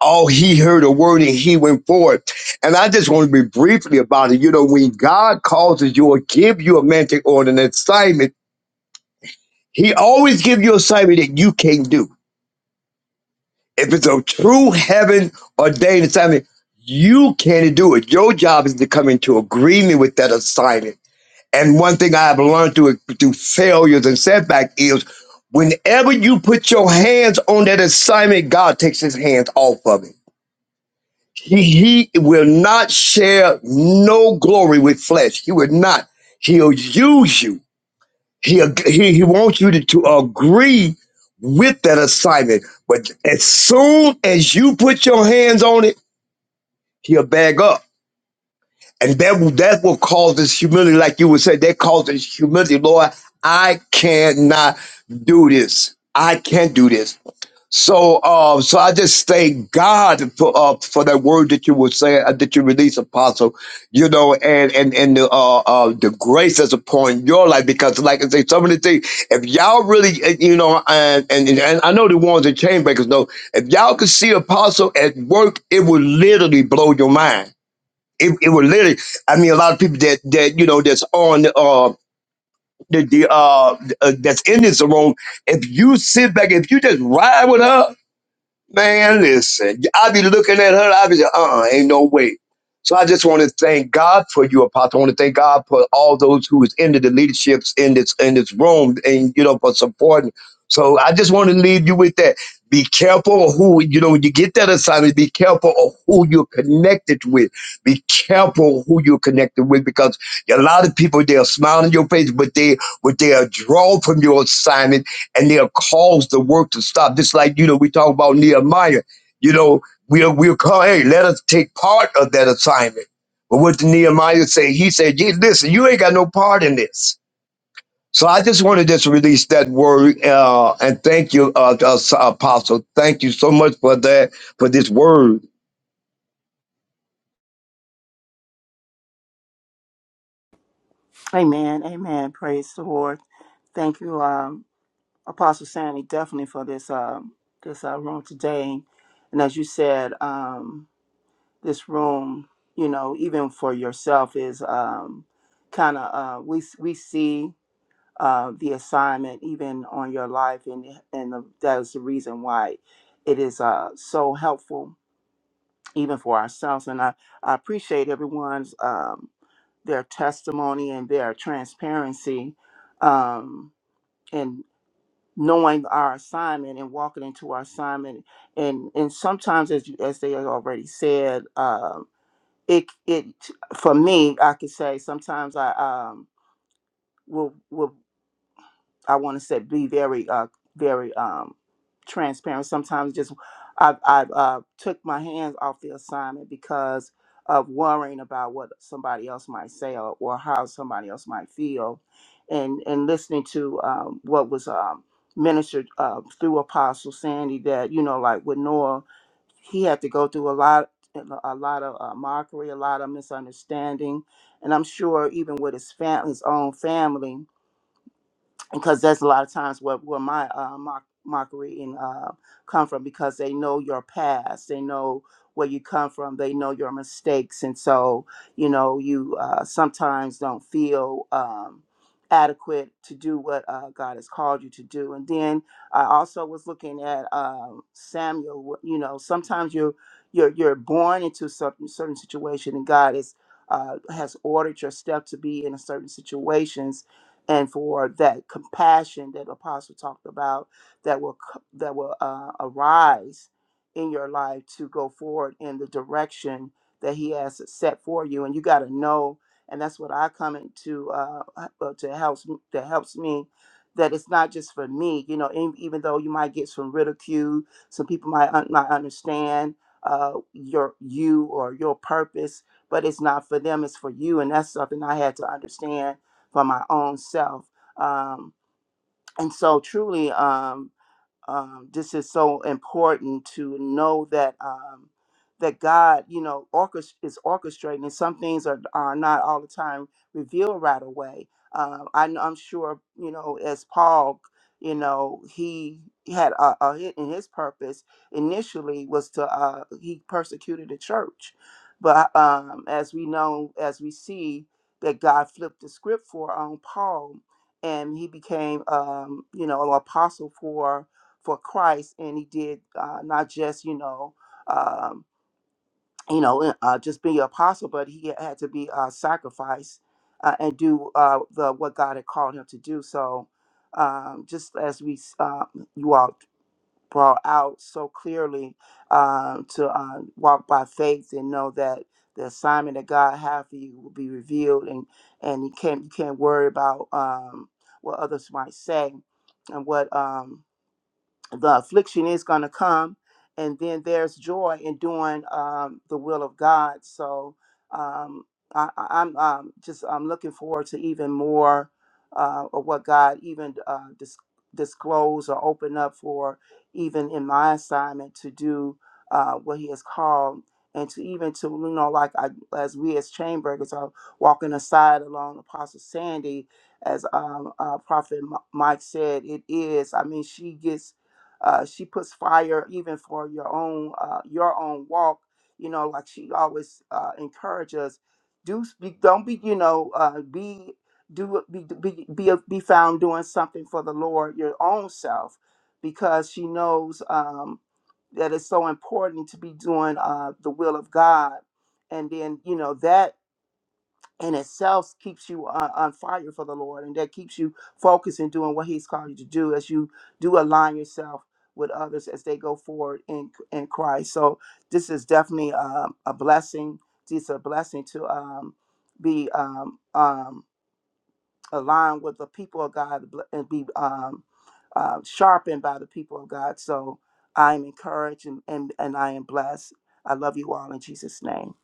All he heard a word and he went forward. And I just want to be briefly about it. You know, when God causes you or give you a mentor or an assignment, he always give you an assignment that you can't do. If it's a true heaven ordained assignment, you can't do it. Your job is to come into agreement with that assignment And one thing I have learned through through failures and setback is whenever you put your hands on that assignment, God takes his hands off of it. He, he will not share no glory with flesh. He will not. He'll use you. He, he, he wants you to, to agree with that assignment. But as soon as you put your hands on it, he'll bag up And that will, that will cause this humility, like you would say, that causes humility. Lord, I cannot do this. I can't do this. So, uh, so I just thank God for uh, for that word that you were saying uh, that you released, Apostle. You know, and and and the uh, uh, the grace that's upon your life because, like I say, some of the things, if y'all really, uh, you know, and and, and I know the ones that chain breakers know, if y'all could see Apostle at work, it would literally blow your mind it, it was literally i mean a lot of people that that you know that's on uh the, the uh, uh that's in this room if you sit back if you just ride with her Man, listen, I be looking at her. I be like, uh, uh ain't no way. So I just want to thank God for you, Apostle. I want to thank God for all those who is into the leaderships in this in this room, and you know for supporting. So I just want to leave you with that. Be careful of who you know when you get that assignment. Be careful of who you're connected with. Be careful who you're connected with because a lot of people they'll smile in your face, but they but they'll draw from your assignment and they'll cause the work to stop. Just like, you know, we talk about Nehemiah. You know, we'll we'll call, hey, let us take part of that assignment. But what did Nehemiah say? He said, yeah, listen, you ain't got no part in this. So I just want to just release that word uh, and thank you, uh, uh, Apostle. Thank you so much for that, for this word. Amen. Amen. Praise the Lord. Thank you, um, Apostle Sandy, definitely for this um, this uh, room today. And as you said, um, this room, you know, even for yourself, is um, kind of uh, we we see uh, the assignment even on your life, and and the, that is the reason why it is uh, so helpful even for ourselves. And I, I appreciate everyone's um, their testimony and their transparency um, and knowing our assignment and walking into our assignment. And and sometimes, as you, as they had already said, um, it it for me, I could say sometimes I um, will will. I want to say be very uh very um transparent. Sometimes just I've I've uh, took my hands off the assignment because of worrying about what somebody else might say or, or how somebody else might feel, and and listening to um, what was um, ministered uh, through Apostle Sandy that you know like with Noah he had to go through a lot a lot of uh, mockery a lot of misunderstanding and i'm sure even with his fam- his own family because that's a lot of times where, where my uh, mock, mockery and uh, come from because they know your past they know where you come from they know your mistakes and so you know you uh, sometimes don't feel um, adequate to do what uh, god has called you to do and then i also was looking at um, samuel you know sometimes you're you're, you're born into certain certain situation and god is uh, has ordered your step to be in a certain situations and for that compassion that apostle talked about that will co- that will uh, arise in your life to go forward in the direction that he has set for you and you got to know and that's what i come into uh, uh, to helps that helps me that it's not just for me you know and even though you might get some ridicule some people might un- not understand uh, your you or your purpose but it's not for them it's for you and that's something i had to understand for my own self. Um, and so, truly, um, um, this is so important to know that um, that God, you know, orchest- is orchestrating. And some things are are not all the time revealed right away. Um, I, kn- I'm sure, you know, as Paul, you know, he had a, a hit in his purpose initially was to uh, he persecuted the church, but um, as we know, as we see that God flipped the script for on Paul, and he became, um, you know, an apostle for for Christ, and he did uh, not just you know um, you know uh, uh, just be an apostle, but he had to be uh, sacrificed uh, and do uh, the what God had called him to do. So um, just as we uh, you all brought out so clearly um, to uh, walk by faith and know that the assignment that God had for you will be revealed, and and you can't you can't worry about um, what others might say and what um, the affliction is going to come and then there's joy in doing um, the will of god so um, I, I- i'm um, just i'm looking forward to even more uh, of what god even uh, dis- disclose or open up for even in my assignment to do uh, what he has called and to even to you know like I, as we as chambergers are walking aside along apostle sandy as um, uh, prophet Mi- mike said it is i mean she gets uh, she puts fire even for your own uh, your own walk. You know, like she always uh, encourages Do be, don't be you know uh, be do be be be, uh, be found doing something for the Lord your own self because she knows um, that it's so important to be doing uh, the will of God. And then you know that and itself keeps you on, on fire for the Lord, and that keeps you focused in doing what He's called you to do as you do align yourself with others as they go forward in in Christ. So this is definitely um, a blessing. It's a blessing to um, be um, um, align with the people of God and be um, uh, sharpened by the people of God. So I am encouraged and, and, and I am blessed. I love you all in Jesus' name.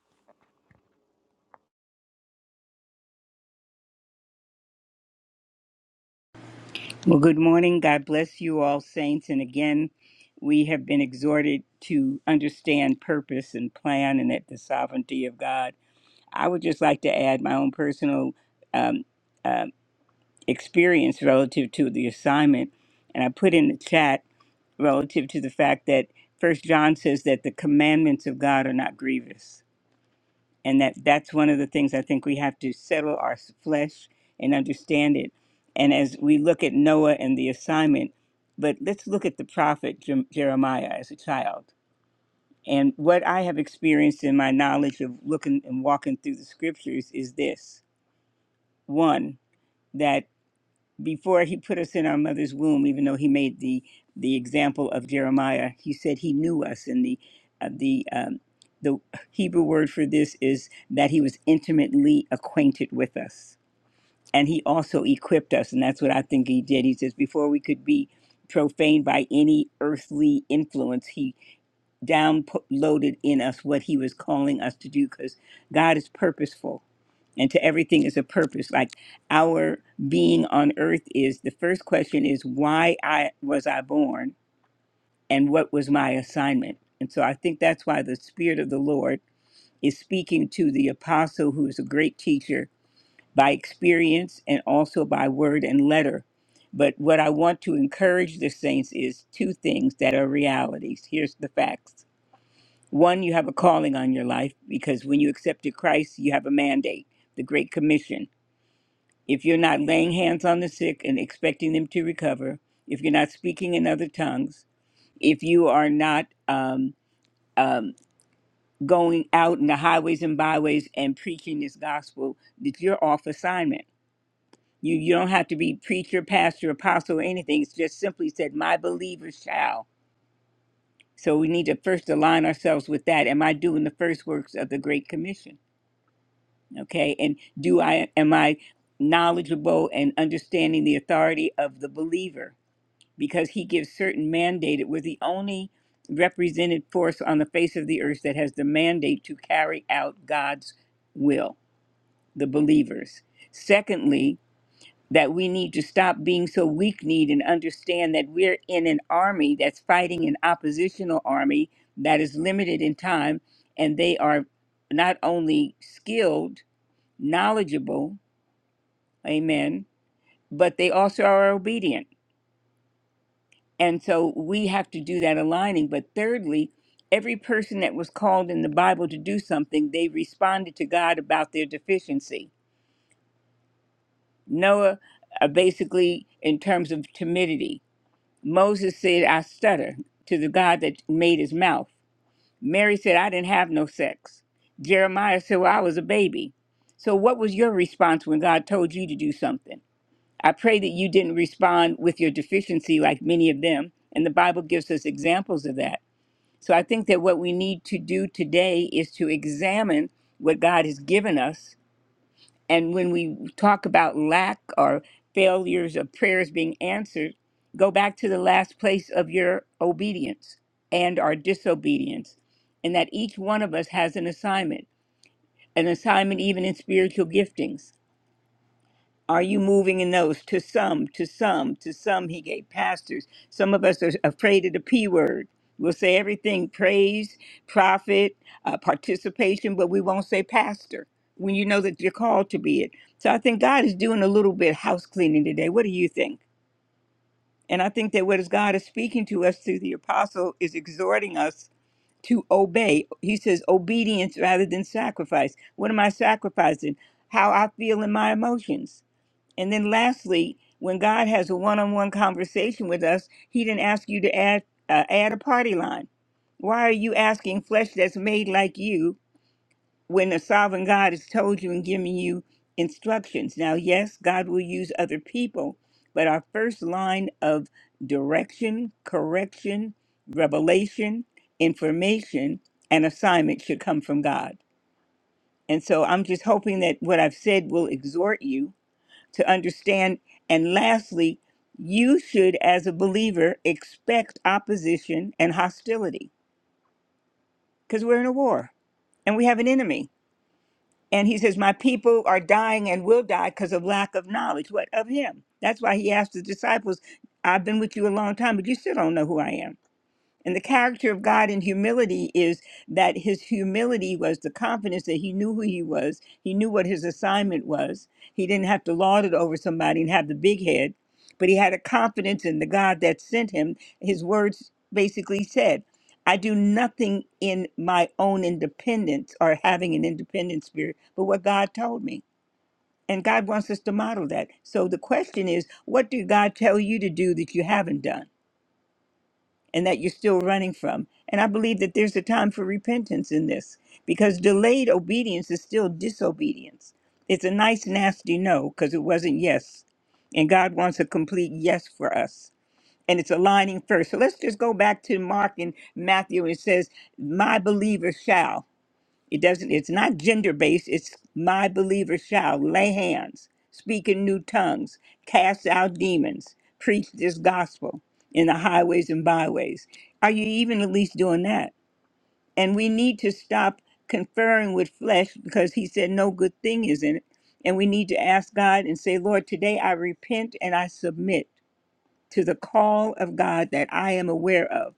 Well, good morning. God bless you all, saints. And again, we have been exhorted to understand purpose and plan and at the sovereignty of God. I would just like to add my own personal um, um experience relative to the assignment. And I put in the chat relative to the fact that First John says that the commandments of God are not grievous and that that's one of the things I think we have to settle our flesh and understand it. And as we look at Noah and the assignment, but let's look at the prophet Jer- Jeremiah as a child. And what I have experienced in my knowledge of looking and walking through the scriptures is this: one, that before he put us in our mother's womb, even though he made the the example of Jeremiah, he said he knew us, and the uh, the um, the Hebrew word for this is that he was intimately acquainted with us, and he also equipped us, and that's what I think he did. He says before we could be profaned by any earthly influence, he downloaded in us what he was calling us to do, because God is purposeful and to everything is a purpose like our being on earth is the first question is why i was i born and what was my assignment and so i think that's why the spirit of the lord is speaking to the apostle who is a great teacher by experience and also by word and letter but what i want to encourage the saints is two things that are realities here's the facts one you have a calling on your life because when you accepted christ you have a mandate the great commission if you're not laying hands on the sick and expecting them to recover, if you're not speaking in other tongues, if you are not um, um, going out in the highways and byways and preaching this gospel, that you're off assignment. You, you don't have to be preacher, pastor, apostle, or anything. It's just simply said, My believers shall. So we need to first align ourselves with that. Am I doing the first works of the Great Commission? Okay. And do I am I knowledgeable and understanding the authority of the believer? because he gives certain mandate. it are the only represented force on the face of the earth that has the mandate to carry out God's will, the believers. Secondly, that we need to stop being so weak kneed and understand that we're in an army that's fighting an oppositional army that is limited in time, and they are not only skilled, knowledgeable, amen, but they also are obedient And so we have to do that aligning. But thirdly, every person that was called in the Bible to do something, they responded to God about their deficiency. Noah, uh, basically, in terms of timidity, Moses said, I stutter to the God that made his mouth. Mary said, I didn't have no sex. Jeremiah said, Well, I was a baby. So, what was your response when God told you to do something? I pray that you didn't respond with your deficiency like many of them. And the Bible gives us examples of that So I think that what we need to do today is to examine what God has given us. And when we talk about lack or failures of prayers being answered, go back to the last place of your obedience and our disobedience. And that each one of us has an assignment, an assignment even in spiritual giftings. Are you moving in those? To some, to some, to some, he gave pastors. Some of us are afraid of the P word. We'll say everything praise, profit, uh, participation, but we won't say pastor when you know that you're called to be it. So I think God is doing a little bit house cleaning today. What do you think? And I think that what is God is speaking to us through the apostle is exhorting us to obey. He says obedience rather than sacrifice. What am I sacrificing? How I feel in my emotions and then lastly, when God has a one-on-one conversation with us, he didn't ask you to add uh, add a party line. Why are you asking flesh that's made like you when the sovereign God has told you and given you instructions? Now, yes, God will use other people, but our first line of direction, correction, revelation, information, and assignment should come from God. And so I'm just hoping that what I've said will exhort you to understand. And lastly, you should, as a believer, expect opposition and hostility because we're in a war and we have an enemy. And he says, My people are dying and will die because of lack of knowledge. What? Of him. That's why he asked the disciples, I've been with you a long time, but you still don't know who I am. And the character of God in humility is that his humility was the confidence that he knew who he was, he knew what his assignment was. He didn't have to lord it over somebody and have the big head, but he had a confidence in the God that sent him. His words basically said, I do nothing in my own independence or having an independent spirit, but what God told me. And God wants us to model that. So the question is, what did God tell you to do that you haven't done? and that you're still running from. And I believe that there's a time for repentance in this because delayed obedience is still disobedience. It's a nice, nasty no because it wasn't yes. And God wants a complete yes for us. And it's aligning first. So let's just go back to Mark and Matthew. It says, My believer shall. It doesn't. It's not gender based. It's my believers shall lay hands, speak in new tongues, cast out demons, preach this gospel in the highways and byways. Are you even at least doing that? And we need to stop conferring with flesh because He said no good thing is in it. And we need to ask God and say, Lord, today I repent and I submit to the call of God that I am aware of.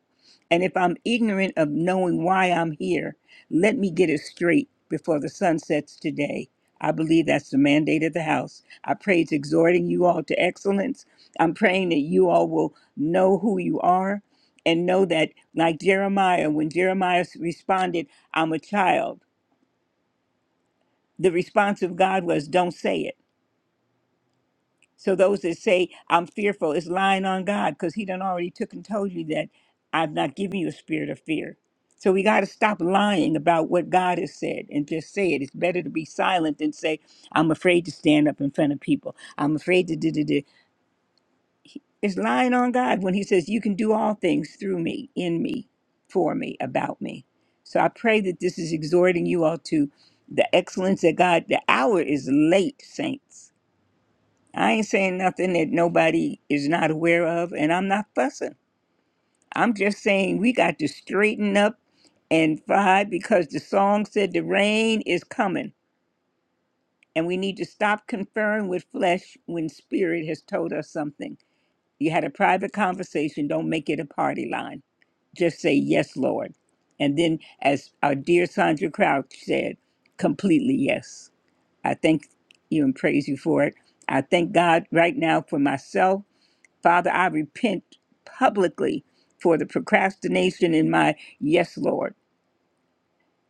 And if I'm ignorant of knowing why I'm here, let me get it straight before the sun sets today. I believe that's the mandate of the house. I pray it's exhorting you all to excellence. I'm praying that you all will know who you are and know that, like Jeremiah, when Jeremiah responded, I'm a child, the response of God was, Don't say it. So those that say I'm fearful is lying on God because He done already took and told you that I've not given you a spirit of fear. So we got to stop lying about what God has said and just say it. It's better to be silent than say I'm afraid to stand up in front of people. I'm afraid to do do do. It's lying on God when He says you can do all things through me, in me, for me, about me. So I pray that this is exhorting you all to the excellence that God. The hour is late, saints I ain't saying nothing that nobody is not aware of, and I'm not fussing. I'm just saying we got to straighten up and fly because the song said the rain is coming, and we need to stop conferring with flesh when spirit has told us something. You had a private conversation, don't make it a party line. Just say, Yes, Lord. And then, as our dear Sandra Crouch said, completely yes. I thank you and praise you for it. I thank God right now for myself Father, I repent publicly for the procrastination in my yes, Lord.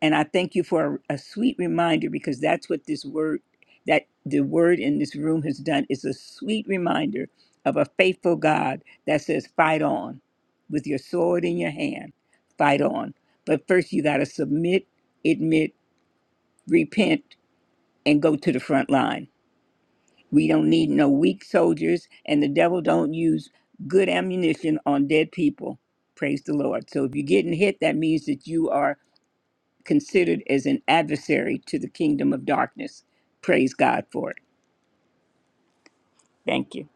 And I thank you for a, a sweet reminder because that's what this word, that the word in this room has done is a sweet reminder of a faithful God that says, fight on with your sword in your hand, fight on. But first, you got to submit, admit, repent, and go to the front line. We don't need no weak soldiers, and the devil don't use good ammunition on dead people. Praise the Lord. So if you're getting hit, that means that you are considered as an adversary to the kingdom of darkness. Praise God for it. Thank you.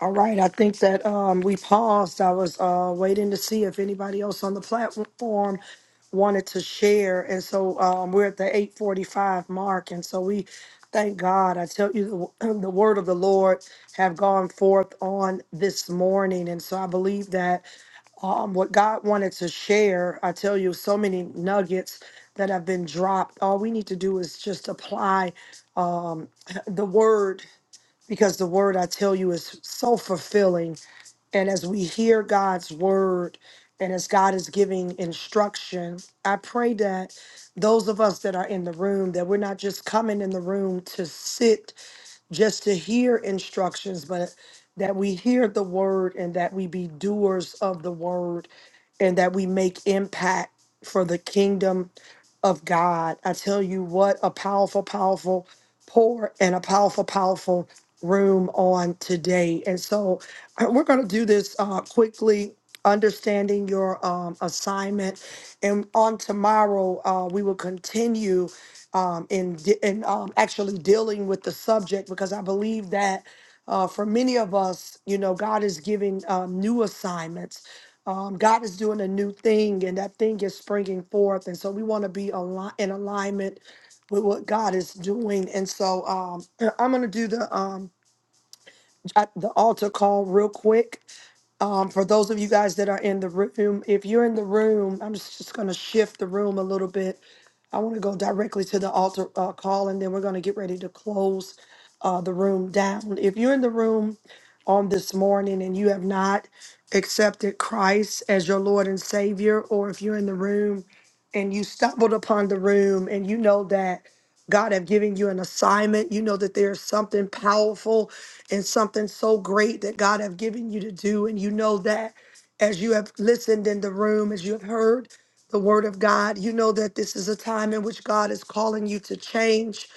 All right, I think that um, we paused. I was uh, waiting to see if anybody else on the platform wanted to share, and so um, we're at the eight forty-five mark, and so we thank God. I tell you, the, the word of the Lord have gone forth on this morning, and so I believe that um, what God wanted to share. I tell you, so many nuggets that have been dropped. All we need to do is just apply the word because the word I tell you is so fulfilling and as we hear God's word and as God is giving instruction, I pray that those of us that are in the room, that we're not just coming in the room to sit just to hear instructions, but that we hear the word and that we be doers of the word and that we make impact for the kingdom of God. I tell you what, a powerful, powerful pour and a powerful, powerful room on today. And so uh, we're going to do this uh, quickly. Understanding your um, assignment. And on tomorrow, uh, we will continue um, in di- in um, actually dealing with the subject because I believe that uh, for many of us, you know, God is giving um, new assignments. Um, God is doing a new thing, and that thing is springing forth, and so we want to be ali- in alignment with what God is doing. And so um, I'm going to do the um, I- the altar call real quick. Um, for those of you guys that are in the room, if you're in the room, I'm just, just going to shift the room a little bit. I want to go directly to the altar uh, call, and then we're going to get ready to close uh, the room down. If you're in the room on this morning and you have not accepted Christ as your Lord and Savior, or if you're in the room and you stumbled upon the room and you know that God have given you an assignment, you know that there's something powerful and something so great that God have given you to do. And you know that as you have listened in the room, as you have heard the word of God, you know that this is a time in which God is calling you to change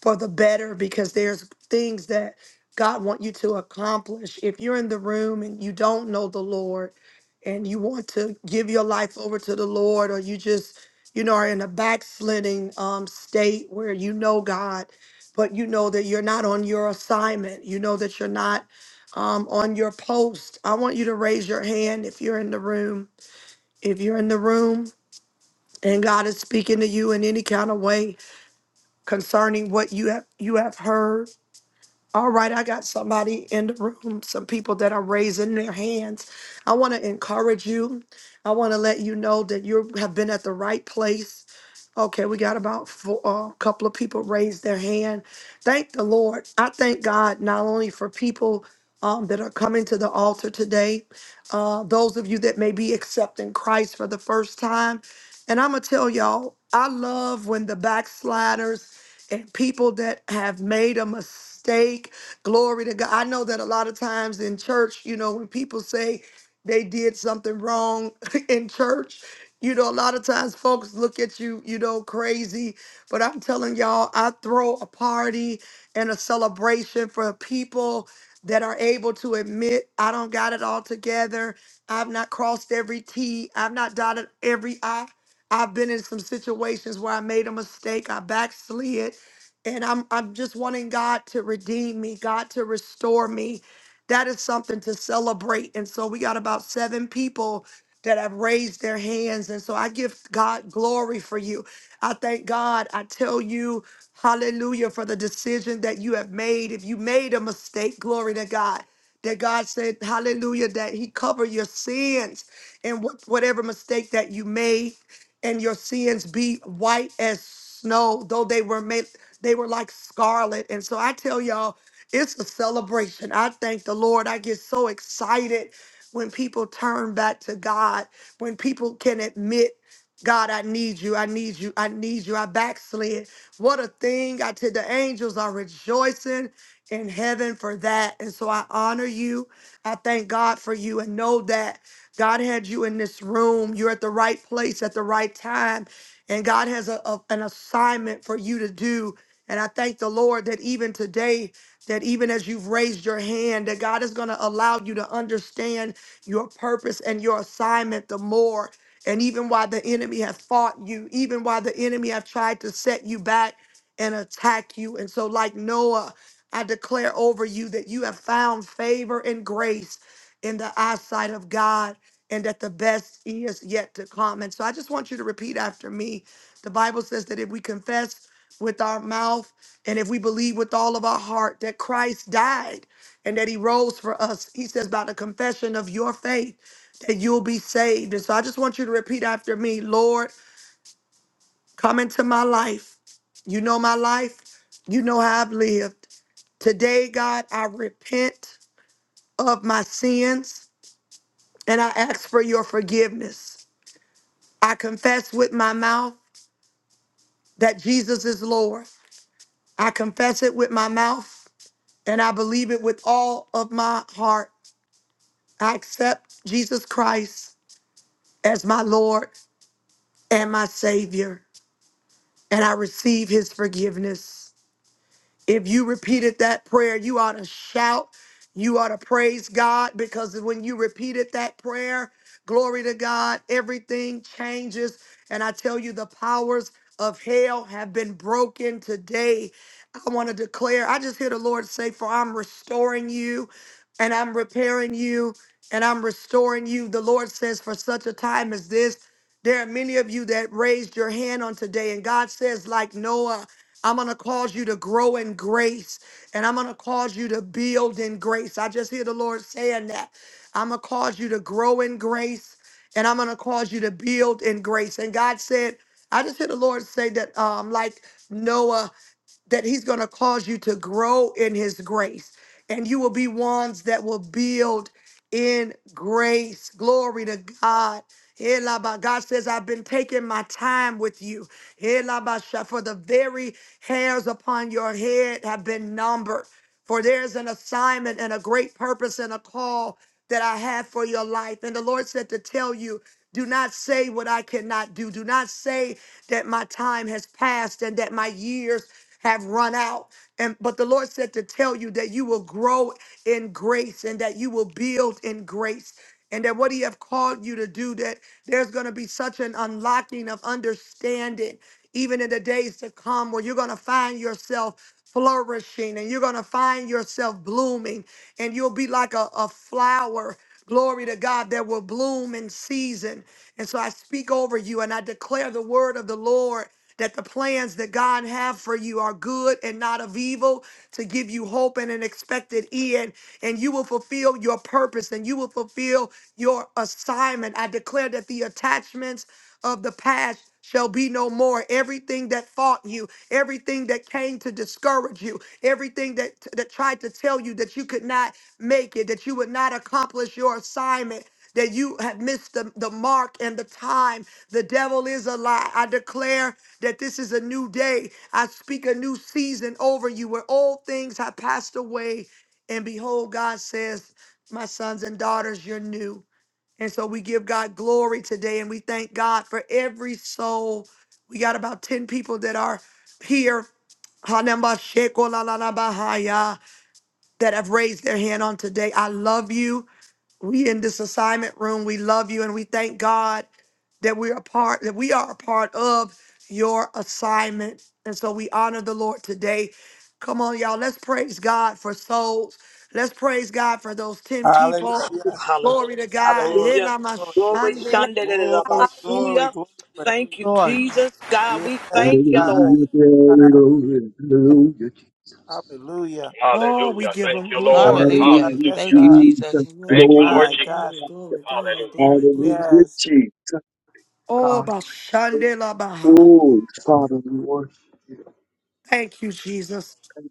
for the better because there's things that God want you to accomplish. If you're in the room and you don't know the Lord and you want to give your life over to the Lord or you just you know are in a backsliding um state where you know God but you know that you're not on your assignment. You know that you're not um, on your post. I want you to raise your hand if you're in the room. If you're in the room and God is speaking to you in any kind of way concerning what you have you have heard all right, I got somebody in the room, some people that are raising their hands. I want to encourage you. I want to let you know that you have been at the right place. Okay, we got about four, a couple of people raised their hand. Thank the Lord. I thank God not only for people um, that are coming to the altar today, uh, those of you that may be accepting Christ for the first time. And I'm going to tell y'all, I love when the backsliders and people that have made a mistake. Glory to God. I know that a lot of times in church, you know, when people say they did something wrong in church, you know, a lot of times folks look at you, you know, crazy. But I'm telling y'all, I throw a party and a celebration for people that are able to admit I don't got it all together. I've not crossed every T. I've not dotted every I. I've been in some situations where I made a mistake. I backslid and I'm I'm just wanting God to redeem me, God to restore me. That is something to celebrate. And so we got about seven people that have raised their hands. And so I give God glory for you. I thank God. I tell you, hallelujah, for the decision that you have made. If you made a mistake, glory to God. That God said, hallelujah, that He covered your sins and what, whatever mistake that you made, and your sins be white as snow, though they were made. They were like scarlet. And so I tell y'all, it's a celebration. I thank the Lord. I get so excited when people turn back to God, when people can admit, God, I need you. I need you. I need you. I backslid. What a thing. I tell the angels are rejoicing in heaven for that. And so I honor you. I thank God for you and know that God had you in this room. You're at the right place at the right time. And God has a, a- an assignment for you to do. And I thank the Lord that even today, that even as you've raised your hand, that God is going to allow you to understand your purpose and your assignment the more. And even while the enemy have fought you, even while the enemy have tried to set you back and attack you. And so, like Noah, I declare over you that you have found favor and grace in the eyesight of God and that the best is yet to come. And so I just want you to repeat after me. The Bible says that if we confess with our mouth and if we believe with all of our heart that Christ died and that he rose for us, he says, by the confession of your faith, that you'll be saved. And so I just want you to repeat after me Lord, come into my life. You know my life, you know how I've lived. Today, God, I repent of my sins and I ask for your forgiveness. I confess with my mouth that Jesus is Lord. I confess it with my mouth and I believe it with all of my heart. I accept Jesus Christ as my Lord and my Savior, and I receive his forgiveness. If you repeated that prayer, you ought to shout. You ought to praise God because when you repeated that prayer, glory to God, everything changes. And I tell you, the powers of hell have been broken today. I want to declare, I just hear the Lord say, For I'm restoring you and I'm repairing you and I'm restoring you. The Lord says, For such a time as this, there are many of you that raised your hand on today, and God says, like Noah. I'm going to cause you to grow in grace and I'm going to cause you to build in grace. I just hear the Lord saying that. I'm going to cause you to grow in grace and I'm going to cause you to build in grace. And God said, I just hear the Lord say that, um, like Noah that he's going to cause you to grow in his grace and you will be ones that will build in grace glory to god Elaba. God says, I've been taking my time with you. Elaba sha- For the very hairs upon your head have been numbered. For there's an assignment and a great purpose and a call that I have for your life. And the Lord said to tell you, do not say what I cannot do. Do not say that my time has passed and that my years have run out. And but the Lord said to tell you that you will grow in grace and that you will build in grace. And that what he have called you to do, that there's going to be such an unlocking of understanding, even in the days to come, where you're going to find yourself flourishing and you're going to find yourself blooming, and you'll be like a, a flower glory to God, that will bloom in season. And so I speak over you and I declare the word of the Lord that the plans that God have for you are good and not of evil to give you hope and an expected end and you will fulfill your purpose and you will fulfill your assignment. I declare that the attachments of the past shall be no more. Everything that fought you, everything that came to discourage you, everything that that tried to tell you that you could not make it, that you would not accomplish your assignment. That you have missed the, the mark and the time. The devil is a lie. I declare that this is a new day. I speak a new season over you where old things have passed away. And behold, God says, My sons and daughters, you're new. And so we give God glory today and we thank God for every soul. We got about 10 people that are here Hanamba Sheko La La La Bahaya, that have raised their hand on today. I love you. We in this assignment room, we love you and we thank God that we are part that we are a part of your assignment. And so we honor the Lord today. Come on, y'all. Let's praise God for souls. Let's praise God for those 10 people. Hallelujah. Hallelujah. Glory to God. Glory, Hallelujah. Ela glory, Glory mashande. Sunday. glory, Hallelujah, glory, glory. Thank you, Lord. Jesus. God, we Yes, thank you, God. Lord. Hallelujah, Yes, glory, God. Yes. hallelujah, Hallelujah. Oh, we give them Ah, glory. yes, Hallelujah. God. hallelujah, Yes, Thank you, God. Jesus. Jesus, glory, My hallelujah, God. Jesus, Oh, bashande la baha. Oh, Father, we worship Thank you, Jesus.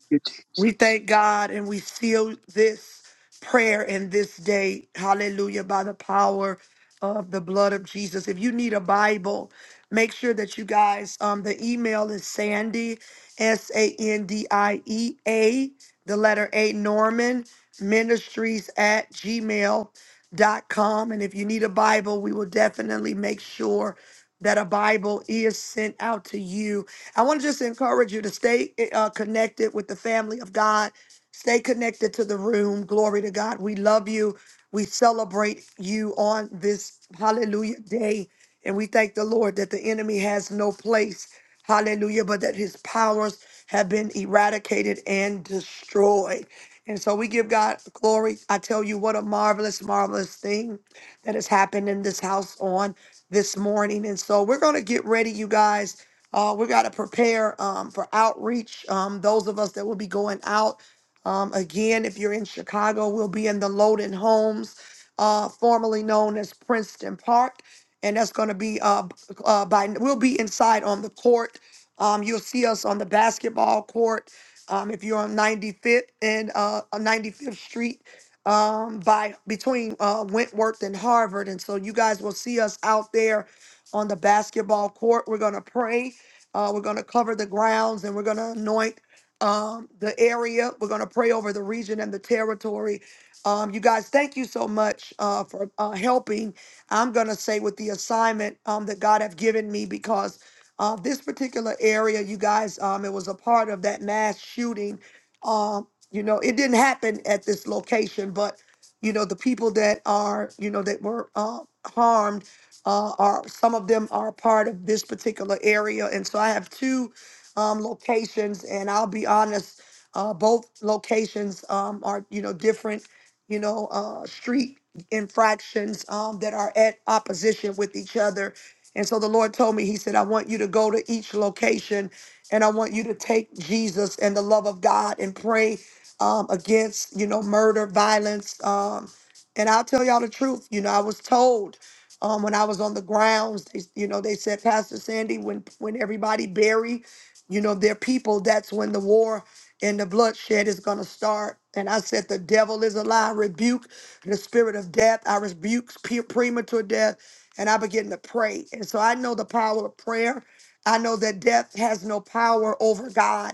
you We thank God and we seal this prayer in this day. Hallelujah. By the power of the blood of Jesus. If you need a Bible, make sure that you guys, um, the email is Sandy, S A N D I E A, the letter A, Norman Ministries at Gmail dot com. And if you need a Bible, we will definitely make sure that a Bible is sent out to you I want to just encourage you to stay uh, connected with the family of God. Stay connected to the room. Glory to God. We love you. We celebrate you on this hallelujah day. And we thank the Lord that the enemy has no place. Hallelujah. But that his powers have been eradicated and destroyed. And so we give God glory. I tell you what a marvelous, marvelous thing that has happened in this house on this morning. And so we're going to get ready, you guys. Uh, we got to prepare um, for outreach. Um, those of us that will be going out. Um, again, if you're in Chicago, we'll be in the Loden Homes, uh, formerly known as Princeton Park. And that's going to be uh, b- uh, by, we'll be inside on the court. Um, you'll see us on the basketball court. Um, if you're on 95th and uh, on 95th Street, um, by between uh, Wentworth and Harvard. And so you guys will see us out there on the basketball court. We're going to pray. Uh, we're going to cover the grounds and we're going to anoint um, the area. We're going to pray over the region and the territory. Um, you guys, thank you so much uh, for uh, helping. I'm going to say with the assignment um, that God have given me because uh, this particular area, you guys, um, it was a part of that mass shooting um, you know it didn't happen at this location but you know the people that are you know that were uh, harmed uh, are some of them are part of this particular area and so i have two um, locations and i'll be honest uh, both locations um, are you know different you know uh, street infractions um, that are at opposition with each other and so the lord told me he said i want you to go to each location and i want you to take jesus and the love of god and pray um, against, you know, murder, violence. Um, and I'll tell y'all the truth. You know, I was told um, when I was on the grounds, they, you know, they said, Pastor Sandy, when when everybody bury, you know, their people, that's when the war and the bloodshed is going to start. And I said, the devil is a lie. I Rebuke the spirit of death. I rebuke pe- premature death. And I begin to pray. And so I know the power of prayer. I know that death has no power over God.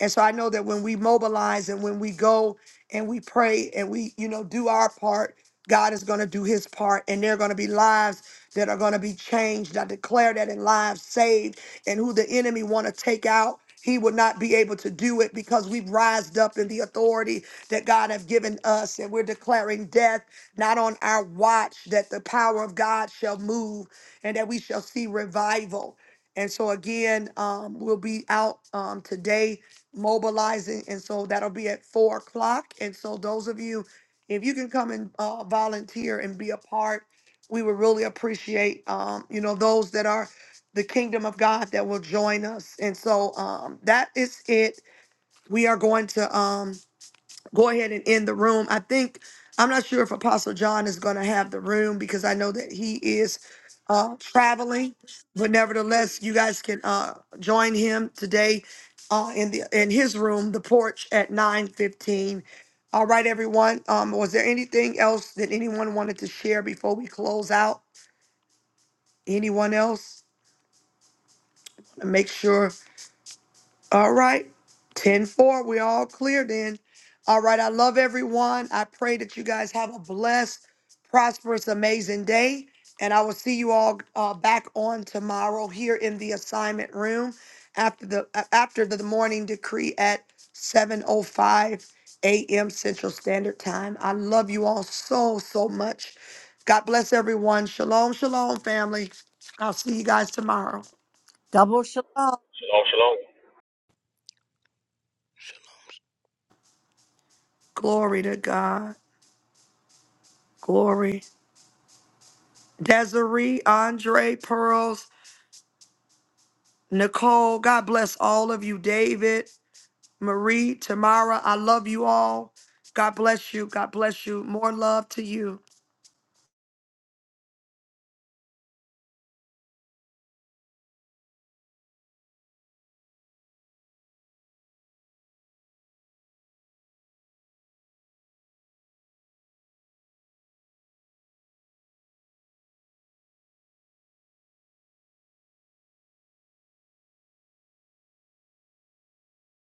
And so I know that when we mobilize and when we go and we pray and we, you know, do our part, God is going to do his part. And there are going to be lives that are going to be changed. I declare that in lives saved and who the enemy want to take out. He would not be able to do it because we've rised up in the authority that God have given us, and we're declaring death not on our watch. That the power of God shall move, and that we shall see revival. And so again, um, we'll be out um, today mobilizing. And so that'll be at four o'clock. And so those of you, if you can come and uh, volunteer and be a part, we would really appreciate, um, you know, those that are the kingdom of God that will join us. And so um, that is it. We are going to. Um, go ahead and end the room. I think I'm not sure if Apostle John is going to have the room because I know that he is uh, traveling, but nevertheless, you guys can uh, join him today uh, in the in his room, the porch at 9:15. All right, everyone. Um, was there anything else that anyone wanted to share before we close out? Anyone else? Make sure. All right. 10 4. we all clear then. All right. I love everyone. I pray that you guys have a blessed, prosperous, amazing day. And I will see you all uh, back on tomorrow here in the assignment room after the uh, after the morning decree at 7:05 a.m. Central Standard Time. I love you all so so much. God bless everyone. Shalom, shalom, family. I'll see you guys tomorrow. Glory to God. Glory. Desiree, Andre, Pearls, Nicole. God bless all of you. David, Marie, Tamara, I love you all. God bless you. God bless you. More love to you.